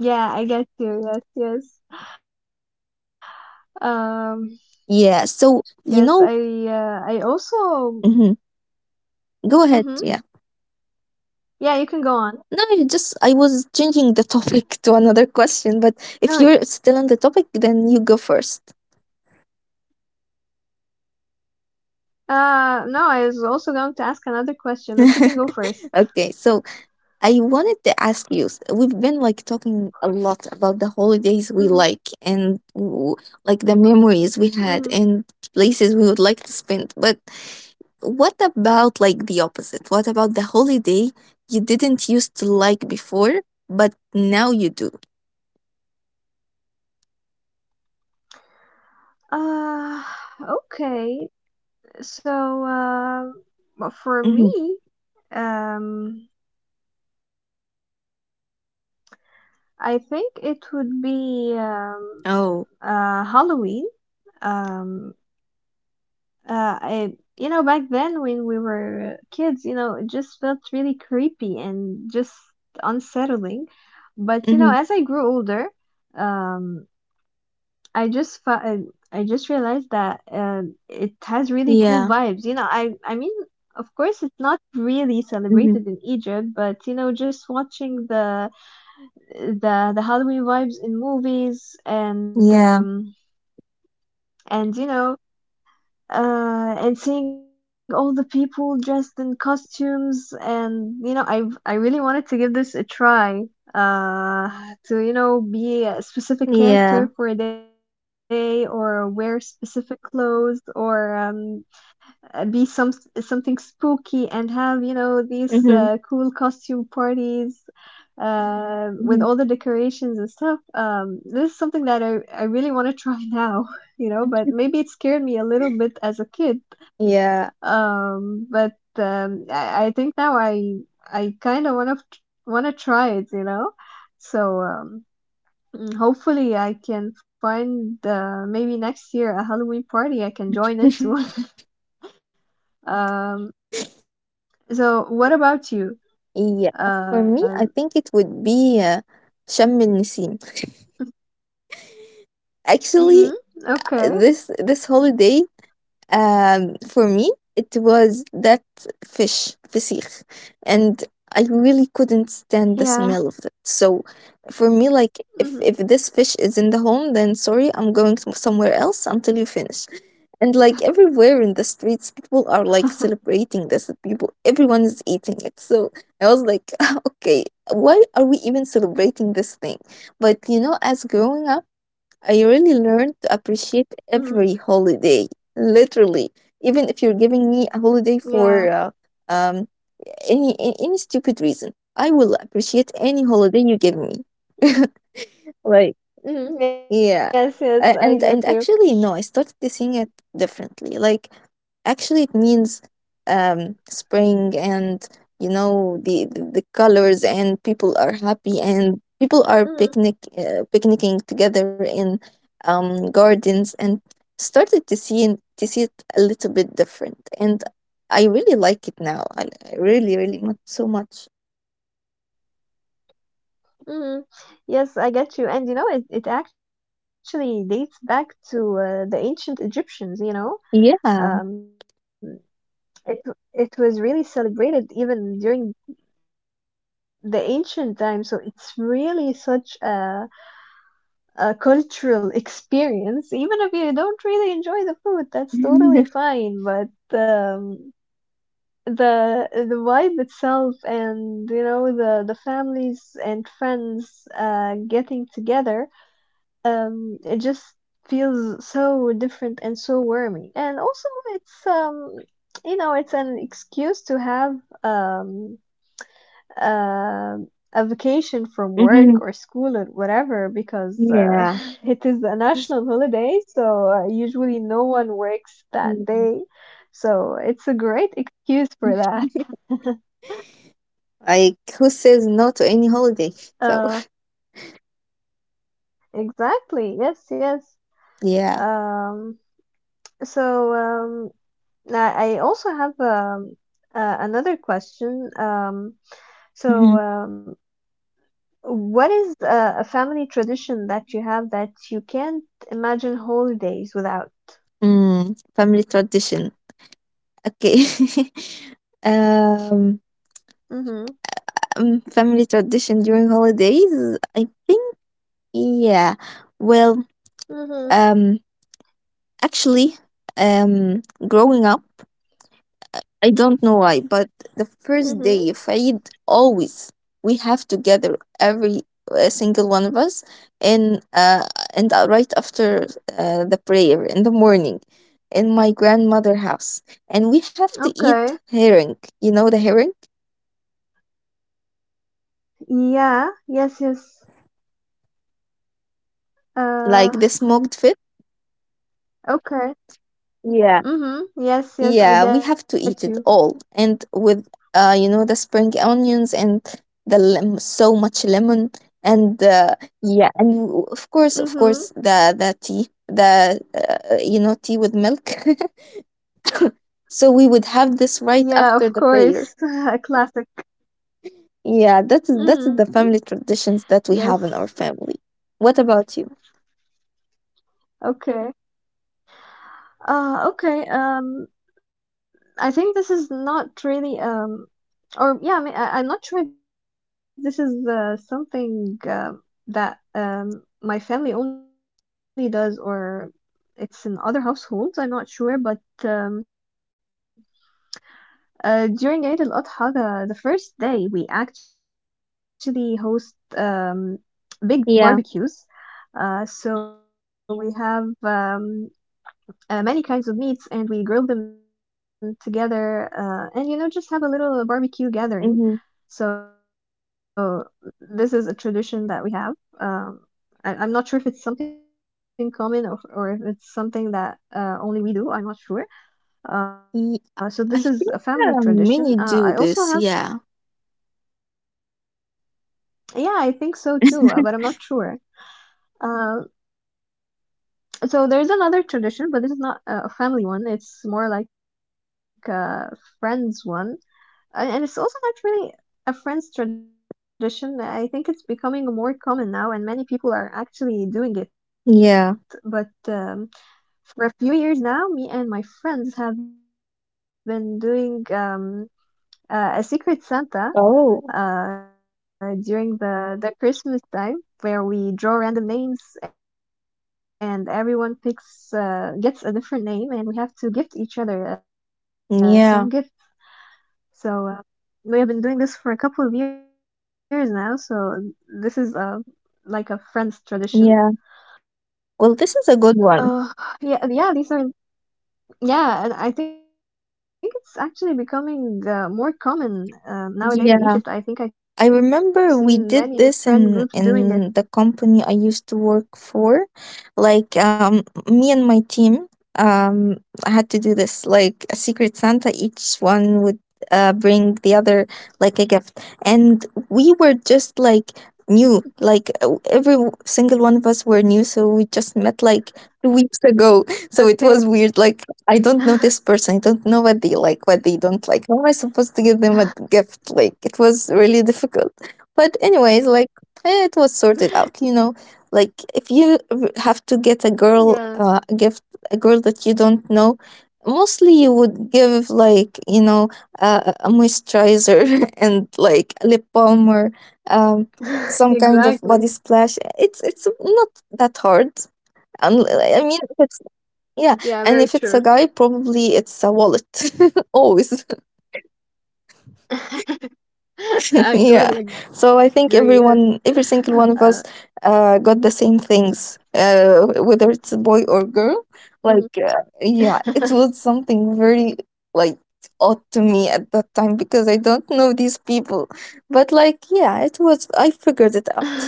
Speaker 1: Yeah, I get you. Yes, yes.
Speaker 2: yeah. So,
Speaker 1: Um,
Speaker 2: you know,
Speaker 1: yes, I
Speaker 2: hmm
Speaker 1: uh, I
Speaker 2: go
Speaker 1: also.
Speaker 2: ahead. Yeah.
Speaker 1: Hmm.
Speaker 2: No, you just I
Speaker 1: Yeah, you can
Speaker 2: was
Speaker 1: go on.
Speaker 2: changing the topic to another question, but if you're
Speaker 1: No,
Speaker 2: still
Speaker 1: wait.
Speaker 2: on the topic, then you go first.
Speaker 1: Uh no, I was also going to ask another question, but you can go first.
Speaker 2: Okay, so I wanted to ask you. s- We've been like talking a lot about the holidays we like
Speaker 1: Mm-hmm.
Speaker 2: and w- like the memories we had, and
Speaker 1: Mm-hmm.
Speaker 2: places we would like to spend. But what about like the opposite? What about the holiday you didn't used to like before, but now you do?
Speaker 1: Uh, okay. So, um,
Speaker 2: Hmm.
Speaker 1: but for me, um, I think it would be um, uh,
Speaker 2: Oh,
Speaker 1: Halloween. Um, uh, I, you know, back then when we were kids, you know, it just felt really creepy and just unsettling. But you know, as
Speaker 2: hmm,
Speaker 1: I grew older, um, I just fa- I, I just realized that uh, it has really cool vibes. You
Speaker 2: yeah.
Speaker 1: know, I I mean, of course, it's not really celebrated in
Speaker 2: Mm-hmm.
Speaker 1: Egypt, but you know, just watching the the the Halloween vibes in movies and um
Speaker 2: Yeah.
Speaker 1: and you know uh, and seeing all the people dressed in costumes, and you know, I I really wanted to give this a try uh to you know be a specific character for a
Speaker 2: Yeah.
Speaker 1: day or wear specific clothes, or um uh, be some something spooky and have you know these uh, cool costume
Speaker 2: Mm-hmm.
Speaker 1: parties uh, with all the decorations
Speaker 2: Hmm.
Speaker 1: and stuff. Um, this is something that I I really want to try now, you know. But maybe it scared me a little bit as a kid.
Speaker 2: Yeah.
Speaker 1: Um, but um, I, I think now I I kind of want to want to try it, you know. So. Um, mm, hopefully I can find uh, maybe next year a Halloween party I can join into. Um,
Speaker 2: Yeah. I think uh, for
Speaker 1: so
Speaker 2: me,
Speaker 1: what about you?
Speaker 2: yeah, for me,
Speaker 1: Uh,
Speaker 2: I think it would be uh, Sharm el Nasim.
Speaker 1: Mm-hmm.
Speaker 2: Actually,
Speaker 1: Okay.
Speaker 2: this this holiday, um, for me, it was that fish, fisich, and I really couldn't stand the
Speaker 1: Yeah.
Speaker 2: smell of it. So, for me, like, if if this
Speaker 1: Mm-hmm.
Speaker 2: fish is in the home, then sorry, I'm going to somewhere else until you finish. And like, everywhere in the streets, people are like celebrating this. People, everyone is eating it. So I was like, okay, why are we even celebrating this thing? But you know, as growing up, I really learned to appreciate every
Speaker 1: Mm-hmm.
Speaker 2: holiday, literally. Even if you're giving me a holiday
Speaker 1: Yeah.
Speaker 2: for uh, um, any a- any stupid reason, I will appreciate any holiday you give me.
Speaker 1: Mm-hmm.
Speaker 2: Like,
Speaker 1: Mm-hmm.
Speaker 2: yeah.
Speaker 1: Yes, yes,
Speaker 2: A-
Speaker 1: I
Speaker 2: And
Speaker 1: get
Speaker 2: and
Speaker 1: you.
Speaker 2: actually no, I started to seeing it differently. Like, actually it means um spring, and you know the the, the colors, and people are happy, and people are picnic
Speaker 1: Hmm.
Speaker 2: uh, picnicking together in um gardens, and started to see to see it a little bit different, and I really like it now. I, I really really much so much.
Speaker 1: Hmm. Yes, I get you. And you know, it, it actually dates back to uh, the ancient Egyptians, you know.
Speaker 2: Yeah.
Speaker 1: Um, it it was really celebrated even during the ancient times, so it's really such a a cultural experience, even if you don't really enjoy the food, that's totally fine. But um, the the vibe itself, and you know the the families and friends uh, getting together, um, it just feels so different and so warming. And also, it's um, you know, it's an excuse to have um um, a vacation from work
Speaker 2: Mhm.
Speaker 1: or school or whatever because uh,
Speaker 2: Yeah.
Speaker 1: it is a national holiday, so uh, usually no one works that
Speaker 2: Mm.
Speaker 1: day. So it's a great excuse for that.
Speaker 2: Like, who says no to any holiday? So
Speaker 1: Uh, exactly. Yes, yes.
Speaker 2: yeah.
Speaker 1: Um, so um, I I also have um, uh, another question. Um, so
Speaker 2: Hmm.
Speaker 1: um, What is uh, a family tradition that you have that you can't imagine holidays without?
Speaker 2: Mm, family tradition. Okay.
Speaker 1: Mm-hmm.
Speaker 2: um, um, family tradition during holidays. I think, yeah.
Speaker 1: Mm-hmm.
Speaker 2: Well, um, actually, um, growing up. I don't know why, but the
Speaker 1: Mm-hmm.
Speaker 2: first day of Eid, always we have to gather every uh, single one of us, and uh, and uh, right after uh, the prayer in the morning, in my grandmother house, and we have to
Speaker 1: Okay.
Speaker 2: eat herring. You know the herring,
Speaker 1: Yeah. Yes, yes. Uh,
Speaker 2: like the smoked fish.
Speaker 1: okay. Mm-hmm. Yes, yes, I
Speaker 2: Yeah, we
Speaker 1: get
Speaker 2: have
Speaker 1: you.
Speaker 2: to eat it all, and with uh, you know, the spring onions and the lem- so much lemon, and uh, yeah, and w- of course, of
Speaker 1: Mm-hmm.
Speaker 2: course, the the tea, the uh, you know, tea with milk. So we would have
Speaker 1: Yeah,
Speaker 2: this
Speaker 1: of
Speaker 2: right after
Speaker 1: course.
Speaker 2: the
Speaker 1: A
Speaker 2: prayer.
Speaker 1: classic.
Speaker 2: Yeah, that's
Speaker 1: Mm-hmm.
Speaker 2: that's the family
Speaker 1: Yes.
Speaker 2: traditions that we have in our family. What about you?
Speaker 1: Okay. Uh, okay. Um, I think this is not really um Or yeah, I mean, I, I'm not sure if this is uh, something uh, that um, my family only does or it's in other households. I'm not sure, but um, uh, during Eid al-Adha, the the first day we actually host um, big
Speaker 2: Yeah.
Speaker 1: barbecues. Uh, so we have um, uh, many kinds of meats and we grill them together uh, and you know just have a little
Speaker 2: Mm-hmm.
Speaker 1: barbecue gathering, so this is a tradition that we have. Um, I, I'm not sure if it's something common or, or if it's something that uh, only we do. I'm not sure.
Speaker 2: Y-
Speaker 1: Uh, so this
Speaker 2: I
Speaker 1: is a
Speaker 2: think
Speaker 1: family
Speaker 2: uh, many
Speaker 1: tradition. Uh,
Speaker 2: do
Speaker 1: I
Speaker 2: this.
Speaker 1: also have,
Speaker 2: Yeah.
Speaker 1: yeah, I think so too, uh, but I'm not sure. Uh, so there's another tradition, but this is not uh, a family one. It's more like a friends one, and and it's also not really a French tradition. I think it's becoming more common now, and many people are actually doing it.
Speaker 2: Yeah.
Speaker 1: But um, for a few years now, me and my friends have been doing um, uh, a secret Santa
Speaker 2: Oh.
Speaker 1: uh, during the the Christmas time. Where we draw random names and everyone picks uh, gets a different name and we have to gift each other uh, some
Speaker 2: Yeah.
Speaker 1: gift. So uh, we have been doing this for a couple of years now, so this is uh like a friend's
Speaker 2: Yeah.
Speaker 1: tradition.
Speaker 2: Well, this is a good one.
Speaker 1: Oh, yeah, yeah, these are yeah, and I think it's actually becoming uh, more common uh,
Speaker 2: Yeah,
Speaker 1: nowadays in Egypt.
Speaker 2: I
Speaker 1: I think I've
Speaker 2: remember we
Speaker 1: seen
Speaker 2: did
Speaker 1: many
Speaker 2: this
Speaker 1: friend
Speaker 2: in
Speaker 1: groups doing it.
Speaker 2: in the company I used to work for. Like, um me and my team
Speaker 1: Mm-hmm.
Speaker 2: um had to do this like a secret Santa, each one would uh bring the other like a gift. And we were just like new, like uh, every w- single one of us were new, so we just met like two weeks ago, so it was
Speaker 1: Okay.
Speaker 2: weird. Like, I don't know this person. I don't know what they like, what they don't like. How am I supposed to give them a gift? Like, it was really difficult. But, anyways, like, eh, it was sorted out, you know? Like, if you r- have to get a girl
Speaker 1: Yeah.
Speaker 2: uh, a gift, a girl that you don't know, mostly you would give, like, you know, a, a moisturizer, and, like, a lip balm, or um, some kind
Speaker 1: Exactly.
Speaker 2: of body splash. It's, it's not that hard. Unl- I mean, if yeah,
Speaker 1: Yeah,
Speaker 2: and if
Speaker 1: very
Speaker 2: it's a guy,
Speaker 1: true.
Speaker 2: probably it's a wallet. Always.
Speaker 1: I
Speaker 2: Yeah.
Speaker 1: totally
Speaker 2: So I
Speaker 1: agree,
Speaker 2: think
Speaker 1: yes.
Speaker 2: everyone, every single one
Speaker 1: Uh,
Speaker 2: of us, uh, got the same things, uh, whether it's a boy or girl.
Speaker 1: mhm.
Speaker 2: Like, uh, yeah, it was something very, like, odd to me at that time because I don't know these people. But, like, yeah, it was, I figured it out.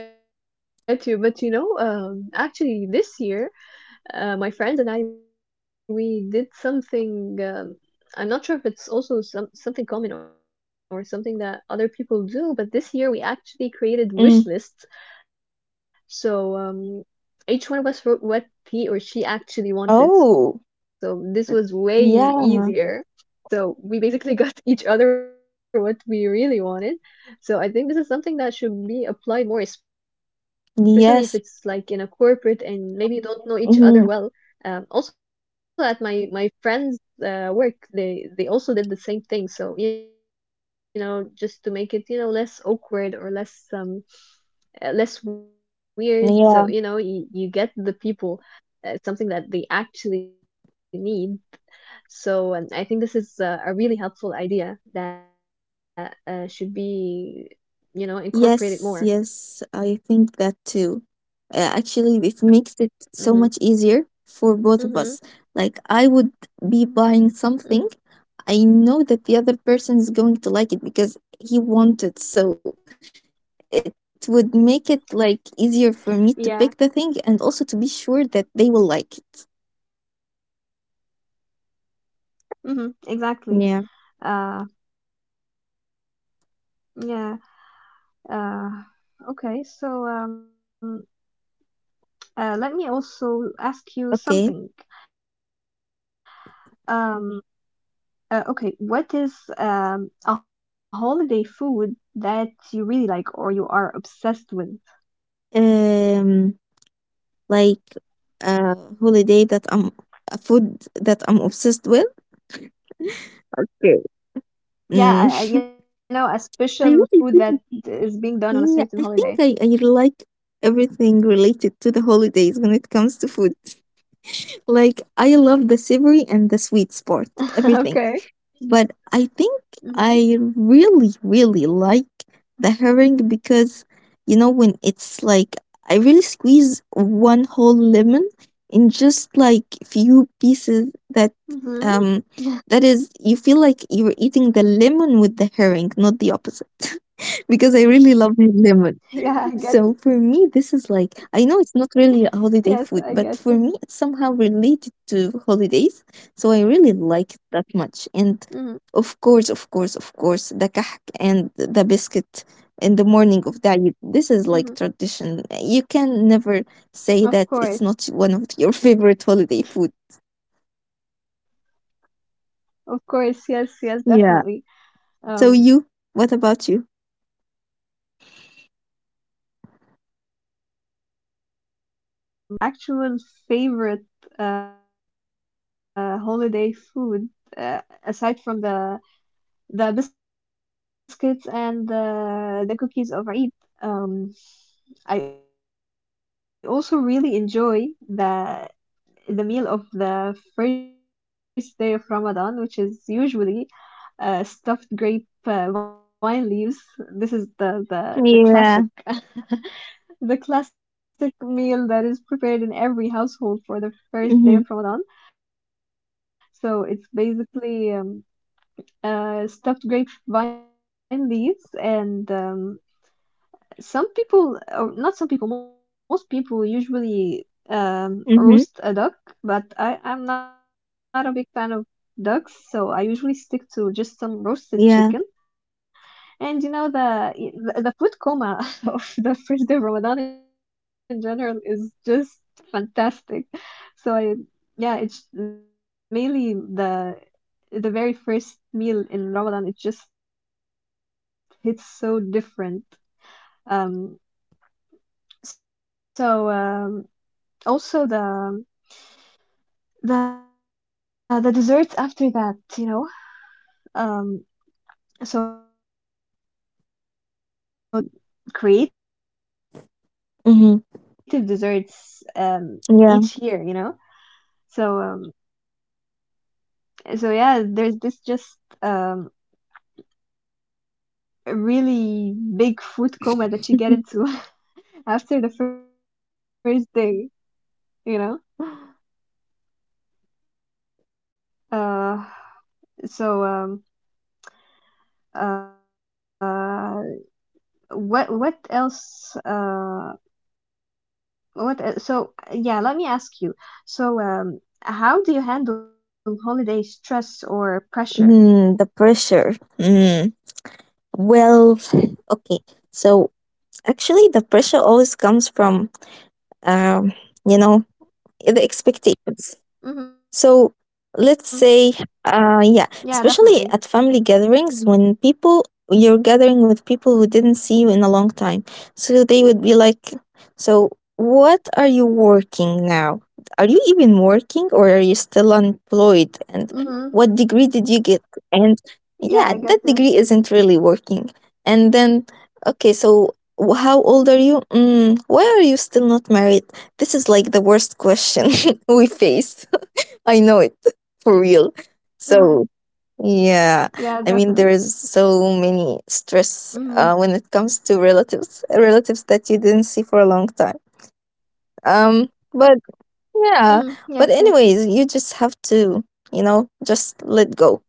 Speaker 1: Yeah, I get you. But you know, um, actually, this year, uh, my friends and I, we did something. Um, I'm not sure if it's also some something common or something that other people do, but this year we actually created
Speaker 2: Mm.
Speaker 1: wish lists. So um, each one of us wrote what he or she actually wanted.
Speaker 2: Oh,
Speaker 1: So this was way
Speaker 2: yeah.
Speaker 1: easier. So we basically got each other what we really wanted. So I think this is something that should be applied more, especially if it's
Speaker 2: Yes.
Speaker 1: like in a corporate and maybe you don't know each
Speaker 2: Mm-hmm.
Speaker 1: other well. Um, also at my my friend's uh, work, they they also did the same thing. So you know, just to make it you know less awkward or less um uh, less weird. So you know,
Speaker 2: Yeah.
Speaker 1: you, you get the people uh, something that they actually need, so um, I think this is uh, a really helpful idea that uh, should be, you know, incorporated
Speaker 2: Yes,
Speaker 1: more.
Speaker 2: yes, I think that too. Uh,
Speaker 1: Mm-hmm.
Speaker 2: actually, it makes it so much
Speaker 1: Mm-hmm.
Speaker 2: easier for both of us. Like, I would be
Speaker 1: Mm-hmm.
Speaker 2: buying something. I know that the other person is going to like it because he wanted. So it would make it like easier for me to pick the thing
Speaker 1: Yeah.
Speaker 2: and also to be sure that they will like it.
Speaker 1: Mm-hmm.
Speaker 2: Yeah.
Speaker 1: Exactly. Uh, yeah. Uh, okay. So um, uh, let me also ask
Speaker 2: Okay.
Speaker 1: you something. Um, uh, okay, what is um, a holiday food that you really like or you are obsessed with?
Speaker 2: Um, like a holiday that I'm a food that I'm obsessed with. Okay.
Speaker 1: Yeah, I, I, you know, a special
Speaker 2: I
Speaker 1: food that
Speaker 2: really do.
Speaker 1: is being done on a
Speaker 2: Yeah,
Speaker 1: certain
Speaker 2: I think I,
Speaker 1: holiday.
Speaker 2: I like everything related to the holidays when it comes to food. Like, I love the savory and the sweet
Speaker 1: Okay.
Speaker 2: part, everything. But I think
Speaker 1: Mm-hmm.
Speaker 2: I really, really like the herring because, you know, when it's like, I really squeeze one whole lemon in just like few pieces that,
Speaker 1: Mm-hmm.
Speaker 2: um, that is, you feel like you're eating the lemon with the herring, not the opposite because I really love lemon. So
Speaker 1: Yeah, I
Speaker 2: for
Speaker 1: get.
Speaker 2: me, this is like I know it's not really a
Speaker 1: Yes, I
Speaker 2: holiday food,
Speaker 1: get
Speaker 2: but
Speaker 1: you.
Speaker 2: for me, it's somehow related to holidays. So I really like it that much. And
Speaker 1: Mm-hmm.
Speaker 2: of course, of course, of course, the kahk and the biscuit in the morning of Eid. This is like
Speaker 1: Mm-hmm.
Speaker 2: tradition. You can never
Speaker 1: Of
Speaker 2: say that
Speaker 1: course.
Speaker 2: it's not one of your favorite holiday food.
Speaker 1: Of course. Yes, yes, definitely.
Speaker 2: Yeah. So
Speaker 1: Um,
Speaker 2: you, what about you?
Speaker 1: yeah, and um, okay. Um, you know, my actual favorite uh holiday food, uh, aside from the the biscuits and the the cookies of Eid. Um, I also really enjoy the the meal of the first day of Ramadan, which is usually uh, stuffed grape uh, wine leaves. This is the the the classic
Speaker 2: Yeah.
Speaker 1: the classic meal that is prepared in every household for the first day
Speaker 2: Mhm.
Speaker 1: of Ramadan. So it's basically um, uh, stuffed grapevine leaves, and um, some people, or not some people, most people usually um, roast a
Speaker 2: Mhm.
Speaker 1: duck, but I am not a big fan of ducks, so I usually stick to just some roasted chicken.
Speaker 2: Yeah.
Speaker 1: And you know the the, the food coma of the first day of Ramadan in general is just fantastic. So I, yeah, it's mainly the the very first meal in Ramadan, it just hits so different. Um, so um, also the um, the the desserts after that, you know. Um, so there's also uh really um creative desserts
Speaker 2: Mhm.
Speaker 1: um each year, you know.
Speaker 2: Yeah.
Speaker 1: So um, so yeah, there's this just um a really big food coma that you get into after the first day. You know uh so um uh what what else uh what el- so yeah, let me ask you, so um how do you handle holiday stress or pressure?
Speaker 2: Mm, the pressure. Mm. Well, okay. So actually, the pressure always comes from, um, you know, the expectations. So
Speaker 1: Mhm.
Speaker 2: let's say, uh, yeah,
Speaker 1: Yeah,
Speaker 2: especially at
Speaker 1: definitely.
Speaker 2: family gatherings when people you're gathering with people who didn't see you in a long time. So they would be like, So what are you working now? Are you even working or are you still unemployed? And
Speaker 1: Mhm.
Speaker 2: what degree did you get? And yeah, that degree
Speaker 1: Yeah, I
Speaker 2: isn't
Speaker 1: get
Speaker 2: really
Speaker 1: to.
Speaker 2: working. And then, okay, so wh- how old are you? Mm, why are you still not married? This is like the worst question we face. I know it for real.
Speaker 1: Mhm.
Speaker 2: So yeah, I
Speaker 1: Yeah,
Speaker 2: mean there is
Speaker 1: definitely.
Speaker 2: so many stress
Speaker 1: Mhm.
Speaker 2: uh, when it comes to relatives, relatives that you didn't see for a long time. Um, but yeah,
Speaker 1: Mhm.
Speaker 2: but
Speaker 1: Yes,
Speaker 2: anyways, you
Speaker 1: yes.
Speaker 2: just have to, you know, just let go.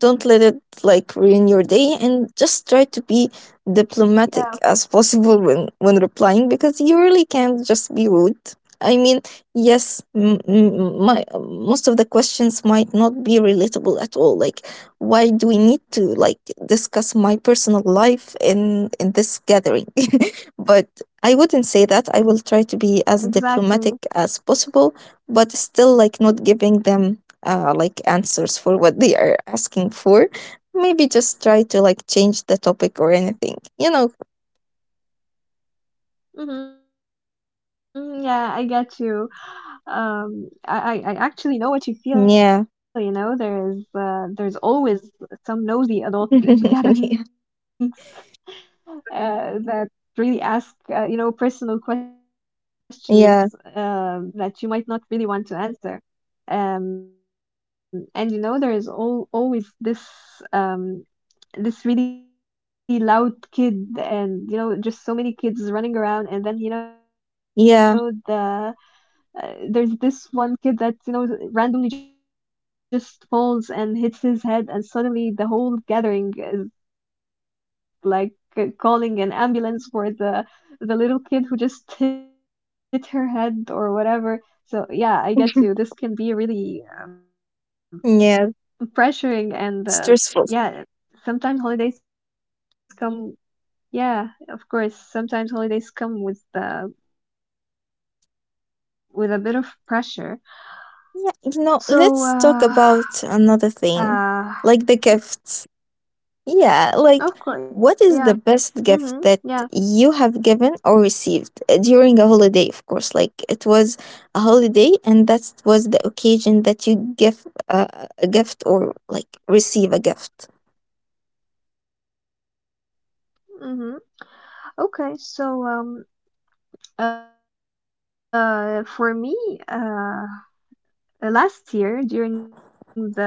Speaker 2: Don't let it like ruin your day and just try to be
Speaker 1: Yeah,
Speaker 2: diplomatic as possible when when replying because you really can't just be rude. I mean, yes, m- m- my most of the questions might not be relatable at all. Like, why do we need to like discuss my personal life in in this gathering? but I wouldn't say that. I will try to be as diplomatic
Speaker 1: exactly.
Speaker 2: as possible, but still like not giving them uh, like answers for what they are asking for, maybe just try to like change the topic or anything, you know?
Speaker 1: Mhm. Yeah, I get you. Um I, I i actually know what you
Speaker 2: Yeah.
Speaker 1: feel. You know, there's uh, there's always some nosy adults
Speaker 2: Yeah,
Speaker 1: in gatherings uh, that really ask uh, you know personal
Speaker 2: yeah,
Speaker 1: questions uh, that you might not really want to answer. Um and you know, there is al- always this um this really loud kid, and you know just so many kids running around, and then you
Speaker 2: yeah.
Speaker 1: know the uh, there's this one kid that you know randomly just falls and hits his head, and suddenly the whole gathering is like c- calling an ambulance for the the little kid who just hit her head or whatever. So yeah, I get you, this can be really
Speaker 2: Yeah.
Speaker 1: pressuring and
Speaker 2: Stressful.
Speaker 1: uh, yeah sometimes holidays come yeah of course sometimes holidays come with uh, with a bit of pressure. so,
Speaker 2: Yeah, you
Speaker 1: uh,
Speaker 2: know, let's talk about
Speaker 1: Uh,
Speaker 2: another thing, like the gifts. Yeah, like
Speaker 1: of course,
Speaker 2: what is
Speaker 1: yeah.
Speaker 2: the best gift
Speaker 1: Mm-hmm.
Speaker 2: that
Speaker 1: Yeah.
Speaker 2: you have given or received, uh, during a holiday, of course? Like it was a holiday and that was the occasion that you give uh, a gift or like receive a gift.
Speaker 1: Mm-hmm. Okay, so um uh for me, uh, uh last year during the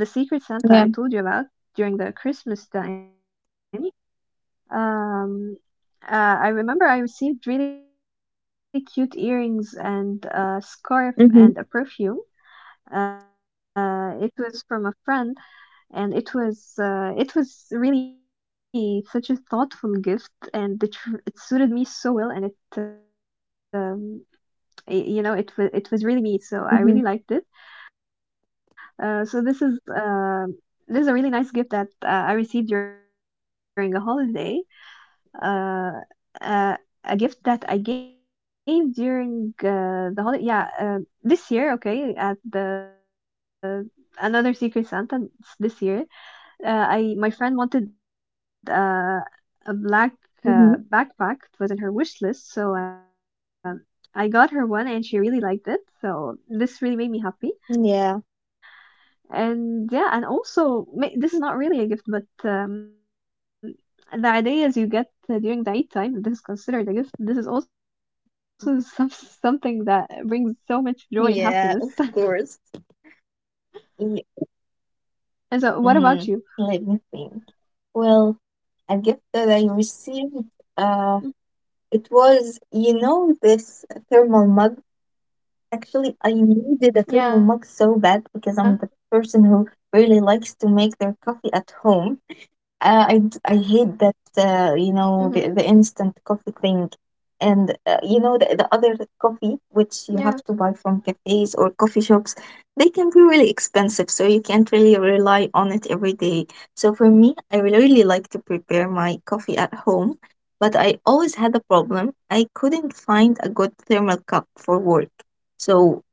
Speaker 1: the Secret
Speaker 2: Yeah.
Speaker 1: Santa I told you about, during the Christmas time, um uh I remember I received really cute earrings and a scarf
Speaker 2: Mm-hmm.
Speaker 1: and a perfume. Uh, it was from a friend, and it was uh, it was really such a thoughtful gift, and it, r- it suited me so well, and it um, y- you know it was it was really me,
Speaker 2: Mm-hmm.
Speaker 1: so I really liked it. Uh, so this is um this is a really nice gift that uh, I received during a holiday. uh, uh, a gift that I gave during uh, the holiday, yeah, uh, this year, okay, at the another secret Santa this year, uh, I, my friend wanted uh, a black
Speaker 2: Mm-hmm.
Speaker 1: uh, backpack. It was in her wish list, so uh, I got her one, and she really liked it. So this really made me happy.
Speaker 2: Yeah.
Speaker 1: And yeah, and also ma- this is not really a gift, but um, the ideas you get uh, during the Eid time, this is considered a gift. This is also some something that brings so much joy and
Speaker 2: Yeah, of
Speaker 1: happiness.
Speaker 2: course. Y-
Speaker 1: And so, what about you?
Speaker 2: Mm, let me think. Well, a gift that I received, uh,
Speaker 1: Mm.
Speaker 2: it was, you know, this thermal mug. Actually, I needed a thermal mug so
Speaker 1: Yeah.
Speaker 2: bad because I'm the person who really likes to make their coffee at home. Uh, I d- I hate that uh, you
Speaker 1: Mhm.
Speaker 2: know the, the instant coffee thing, and uh, you know the, the other coffee
Speaker 1: Yeah.
Speaker 2: which you have to buy from cafes or coffee shops, they can be really expensive, so you can't really rely on it every day. So for me, I really really like to prepare my coffee at home, but I always had a problem. I couldn't find a good thermal cup for work, so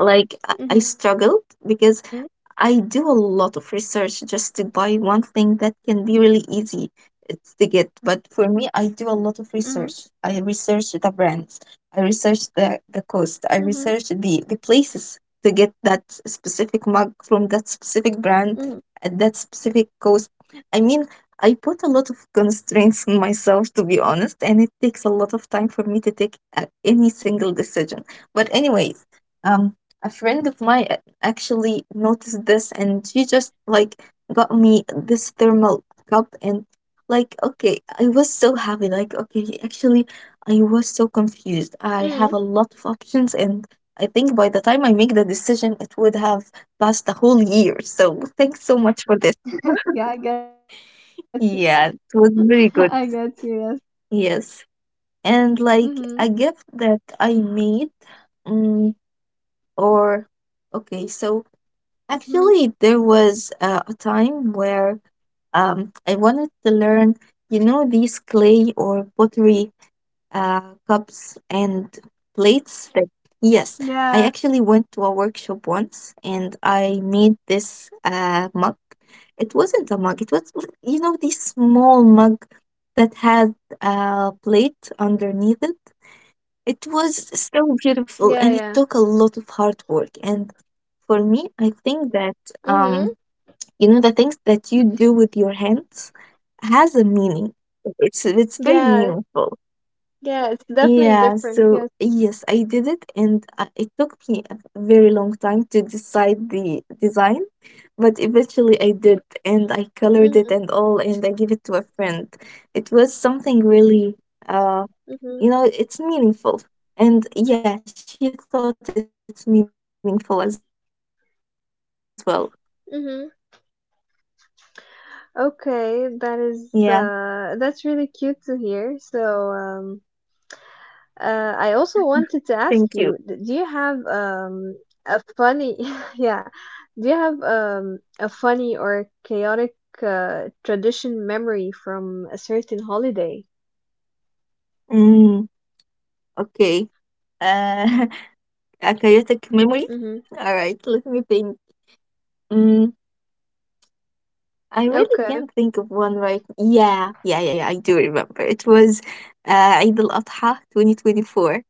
Speaker 2: like I I struggled
Speaker 1: Mhm.
Speaker 2: because I do a lot of research just to buy one thing that can be really easy it's to get. But for me, I do a lot of
Speaker 1: Mm,
Speaker 2: research. I research the brands, I research the, the
Speaker 1: mm-hmm,
Speaker 2: cost, I research the, the places to get that specific mug from that
Speaker 1: mm.
Speaker 2: specific brand at that specific cost. I mean, I put a lot of constraints on myself, to be honest, and it takes a lot of time for me to take uh,
Speaker 1: Yeah, I
Speaker 2: any
Speaker 1: get
Speaker 2: single
Speaker 1: you.
Speaker 2: decision. But, anyways, um, a friend of mine actually noticed this and she just like got me this thermal cup, and like okay, I was so happy. Like okay, actually, I was so confused, I
Speaker 1: Mm.
Speaker 2: have a lot of options, and I think by the time I make the decision it would have passed the whole year, so thanks so much for this.
Speaker 1: Yeah, I get you.
Speaker 2: Yeah, it was very good.
Speaker 1: I get you, yes.
Speaker 2: Yes. And like
Speaker 1: Mm-hmm,
Speaker 2: a gift that I made, mm, or okay so
Speaker 1: mm-hmm.
Speaker 2: actually, there was uh, a time where um, I wanted to learn, you know, these clay or pottery uh, cups and plates. Right. Yes, I
Speaker 1: Yeah,
Speaker 2: actually went to a workshop once and I made this uh, mug. It wasn't a mug, it was, you know, this small mug that had a plate underneath it. It was so beautiful
Speaker 1: yeah,
Speaker 2: and it
Speaker 1: yeah.
Speaker 2: took a lot of hard work. And for me, I think that
Speaker 1: Mm-hmm.
Speaker 2: um, you know the things that you do with your hands has a meaning. It's it's very
Speaker 1: Yeah,
Speaker 2: meaningful.
Speaker 1: yeah, it's definitely
Speaker 2: Yeah,
Speaker 1: different,
Speaker 2: so
Speaker 1: yes.
Speaker 2: yes, I did it, and uh, it took me a very long time to decide the design, but eventually I did, and I colored it
Speaker 1: Mm-hmm,
Speaker 2: and all, and I gave it to a friend. It was something really uh,
Speaker 1: mm-hmm,
Speaker 2: you know, it's meaningful. And yeah, she thought it's meaningful as well.
Speaker 1: mm-hmm.
Speaker 2: Yeah,
Speaker 1: Okay, that is, uh, that's really cute to hear. So,
Speaker 2: thank you.
Speaker 1: um, Uh, I also wanted to ask you, d- do you have um a funny yeah, do you have um a funny or chaotic uh, tradition memory from a certain holiday?
Speaker 2: Mm, okay. Uh, a chaotic memory? All right,
Speaker 1: Mm-hmm.
Speaker 2: let me think. Mm, I really can't
Speaker 1: Okay.
Speaker 2: think of one right. Yeah, yeah, yeah, yeah. I do remember. It was uh, Eid al Adha twenty twenty-four.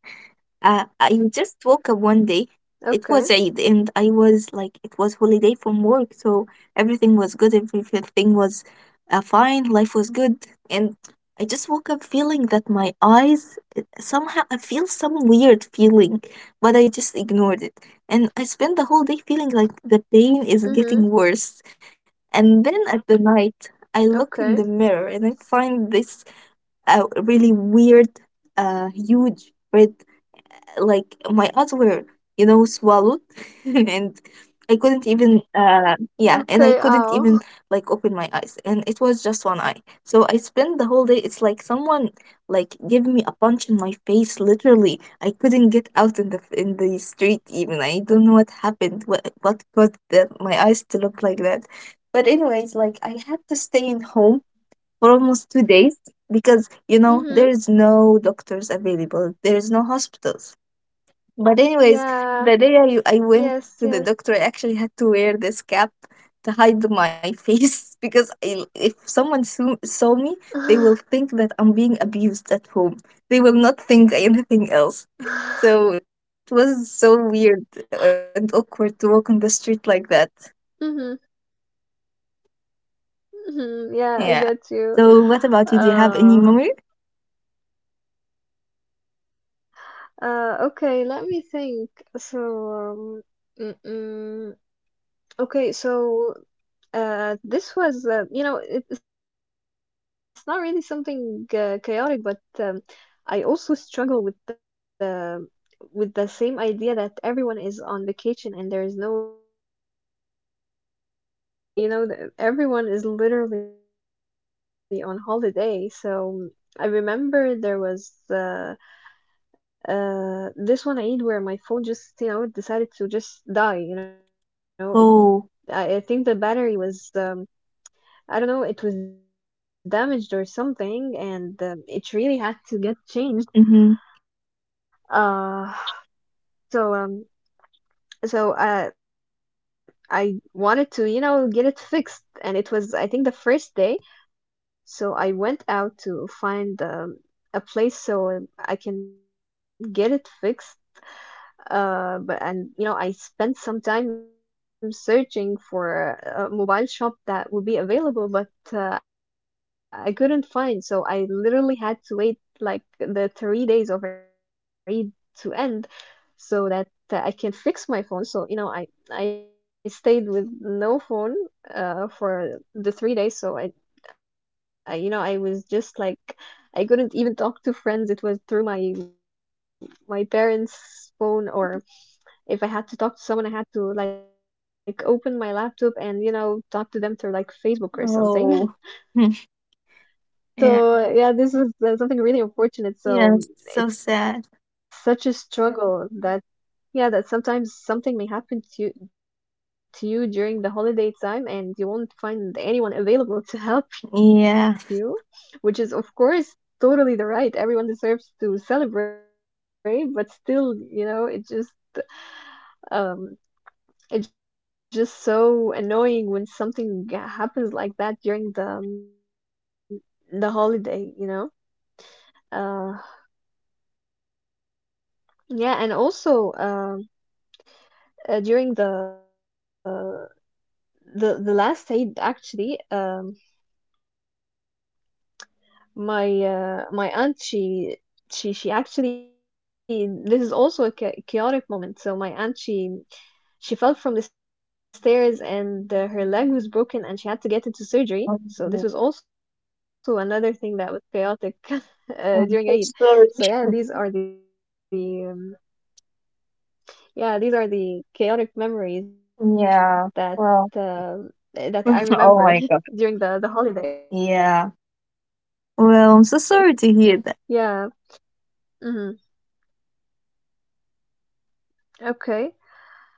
Speaker 2: Uh, I just woke up one day. It
Speaker 1: Okay.
Speaker 2: was Eid, and I was like, it was holiday from work, so everything was good. Everything was uh, fine. Life was good, and I just woke up feeling that my eyes uh, somehow I feel some weird feeling, but I just ignored it, and I spent the whole day feeling like the pain is
Speaker 1: Mm-hmm.
Speaker 2: getting worse, and then at the night I look in the
Speaker 1: Okay.
Speaker 2: mirror and I find this uh, really weird, uh, huge red, like my eyes were, you know, swallowed and I couldn't even uh yeah, and I
Speaker 1: Okay.
Speaker 2: couldn't even
Speaker 1: Oh.
Speaker 2: like open my eyes, and it was just one eye. So I spent the whole day, it's like someone like gave me a punch in my face, literally. I couldn't get out in the in the street even. I don't know what happened, what what caused the, my eyes to look like that, but anyways like I had to stay in home for almost two days, because you know
Speaker 1: Mm-hmm.
Speaker 2: there is no doctors available, there is no hospitals, but anyways,
Speaker 1: Yeah.
Speaker 2: the day I, I went
Speaker 1: Yes,
Speaker 2: to the
Speaker 1: yes.
Speaker 2: doctor, I actually had to wear this cap to hide my face because I, if someone saw, saw me, they will think that I'm being abused at home. They will not think anything else. So it was so weird and awkward to walk on the street like that.
Speaker 1: Mm-hmm. Mm-hmm. Yeah,
Speaker 2: Yeah.
Speaker 1: I get you.
Speaker 2: So what about you? Do you have any
Speaker 1: Uh,
Speaker 2: memory?
Speaker 1: uh, okay, let me think. So, um, mm-mm. Okay, so uh, this was, uh, you know, it, it's not really something uh, chaotic, but um, I also struggle with the with the same idea that everyone is on vacation and there's no doctors, no no shops, you know, th- everyone is literally on holiday. So I remember there was uh, uh, this one Eid where my phone just, you know, decided to just die, you know, I I think the
Speaker 2: Oh.
Speaker 1: battery was um I don't know it was damaged or something, and um, it really had to get changed.
Speaker 2: Mm-hmm.
Speaker 1: Uh so um so uh I wanted to you know get it fixed, and it was I think the first day, so I went out to find um, a place so uh, I can get it fixed. Uh, but and you know, I spent some time searching for a mobile shop that would be available, but uh, I couldn't find. So I literally had to wait like the three days of Eid to end so that uh, I can fix my phone. So you know, I I stayed with no phone uh for the three days. So I, I you know, I was just like I couldn't even talk to friends. It was through my my parents' phone, or if I had to talk to someone, I had to like open my laptop and, you know, talk to them through like Facebook or something.
Speaker 2: Oh.
Speaker 1: So, yeah, this was
Speaker 2: Yeah.
Speaker 1: uh, something really unfortunate. So, um,
Speaker 2: Yeah, it's
Speaker 1: it's
Speaker 2: so
Speaker 1: such a
Speaker 2: sad.
Speaker 1: struggle that yeah, that sometimes something may happen to you, to you during the holiday time, and you won't find anyone available to help you, which
Speaker 2: Yeah.
Speaker 1: is of course totally the right. Everyone deserves to celebrate, but still, you know, it just um it's just so annoying when something g- happens like that during the um, the holiday, you know? Uh yeah, and also um uh, during the the the last Eid actually um my uh, my aunt she she she actually this is also a cha- chaotic moment. So my aunt she she fell from the stairs, and uh, her leg was broken, and she had to get into surgery, so this was also
Speaker 2: Oh,
Speaker 1: another thing that was chaotic uh, during Eid.
Speaker 2: I'm
Speaker 1: So
Speaker 2: so
Speaker 1: yeah, these
Speaker 2: sorry.
Speaker 1: are the um, yeah these are the chaotic memories that uh,
Speaker 2: Yeah.
Speaker 1: that
Speaker 2: Well,
Speaker 1: I remember
Speaker 2: oh my
Speaker 1: during
Speaker 2: God.
Speaker 1: the the holiday.
Speaker 2: Yeah.
Speaker 1: Yeah.
Speaker 2: Well, I'm so
Speaker 1: Hmm.
Speaker 2: sorry to hear that.
Speaker 1: Okay. Uh, so uh,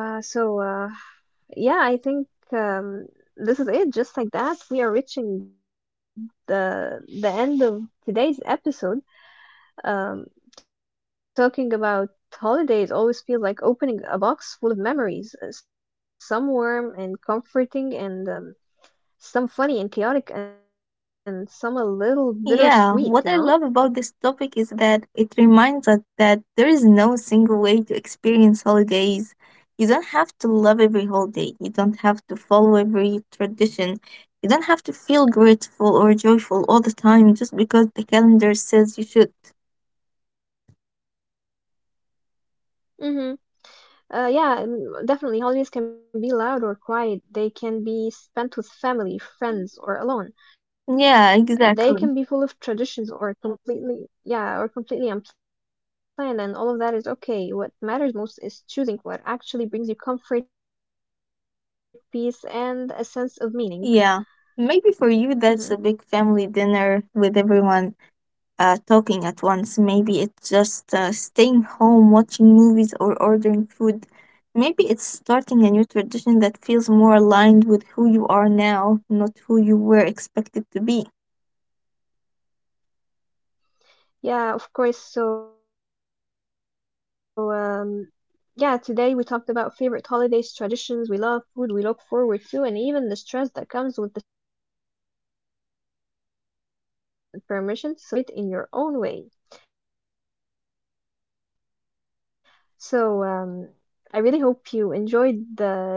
Speaker 1: yeah, I think um, this is it. Just like that, we are reaching the the end of today's episode. Um, talking about holidays always feels like opening a box full of memories, uh, some warm and comforting, and um, some funny and chaotic, and some a little bittersweet. You know.
Speaker 2: Yeah. What I love about this topic is that it reminds us that there is no single way to experience holidays. You don't have to love every holiday. You don't have to follow every tradition. You don't have to feel grateful or joyful all the time just because the calendar says you should.
Speaker 1: Mm-hmm. Uh, yeah, mm, definitely. Holidays can be loud or quiet. They can be spent with family, friends, or alone. They can be full of
Speaker 2: Yeah,
Speaker 1: traditions
Speaker 2: exactly.
Speaker 1: or completely, yeah, or completely unplanned, and all of that is okay. What matters most is choosing what actually brings you comfort, peace, and a sense of meaning.
Speaker 2: Yeah.
Speaker 1: Mm-hmm.
Speaker 2: Maybe for you, that's a big family dinner with everyone uh, talking at once. Maybe it's just uh, staying home, watching movies, or ordering food. Maybe it's starting a new tradition that feels more aligned with who you are now, not who you were expected to be.
Speaker 1: Yeah, of course. So, um, yeah, today we talked about favorite holidays, traditions we love, food we look forward to, and even the stress that comes with the season. And if there's one thing we hope you take from this episode, it's permission, permission to celebrate in your own way. So, um, I really hope you enjoyed the today's episode,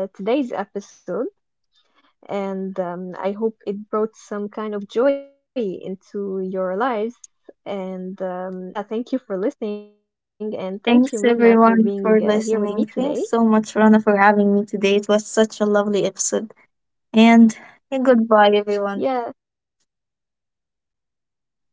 Speaker 1: and um, I hope it brought some kind of joy into your lives. And um, yeah, thank you for listening, and thank you, Minna, for being uh,
Speaker 2: Thanks
Speaker 1: here with me
Speaker 2: everyone
Speaker 1: today.
Speaker 2: for listening. Thanks so much, Rana, for having me today. It was such a lovely episode. And uh, goodbye,
Speaker 1: Yeah,
Speaker 2: everyone.
Speaker 1: yeah, thank you. Goodbye.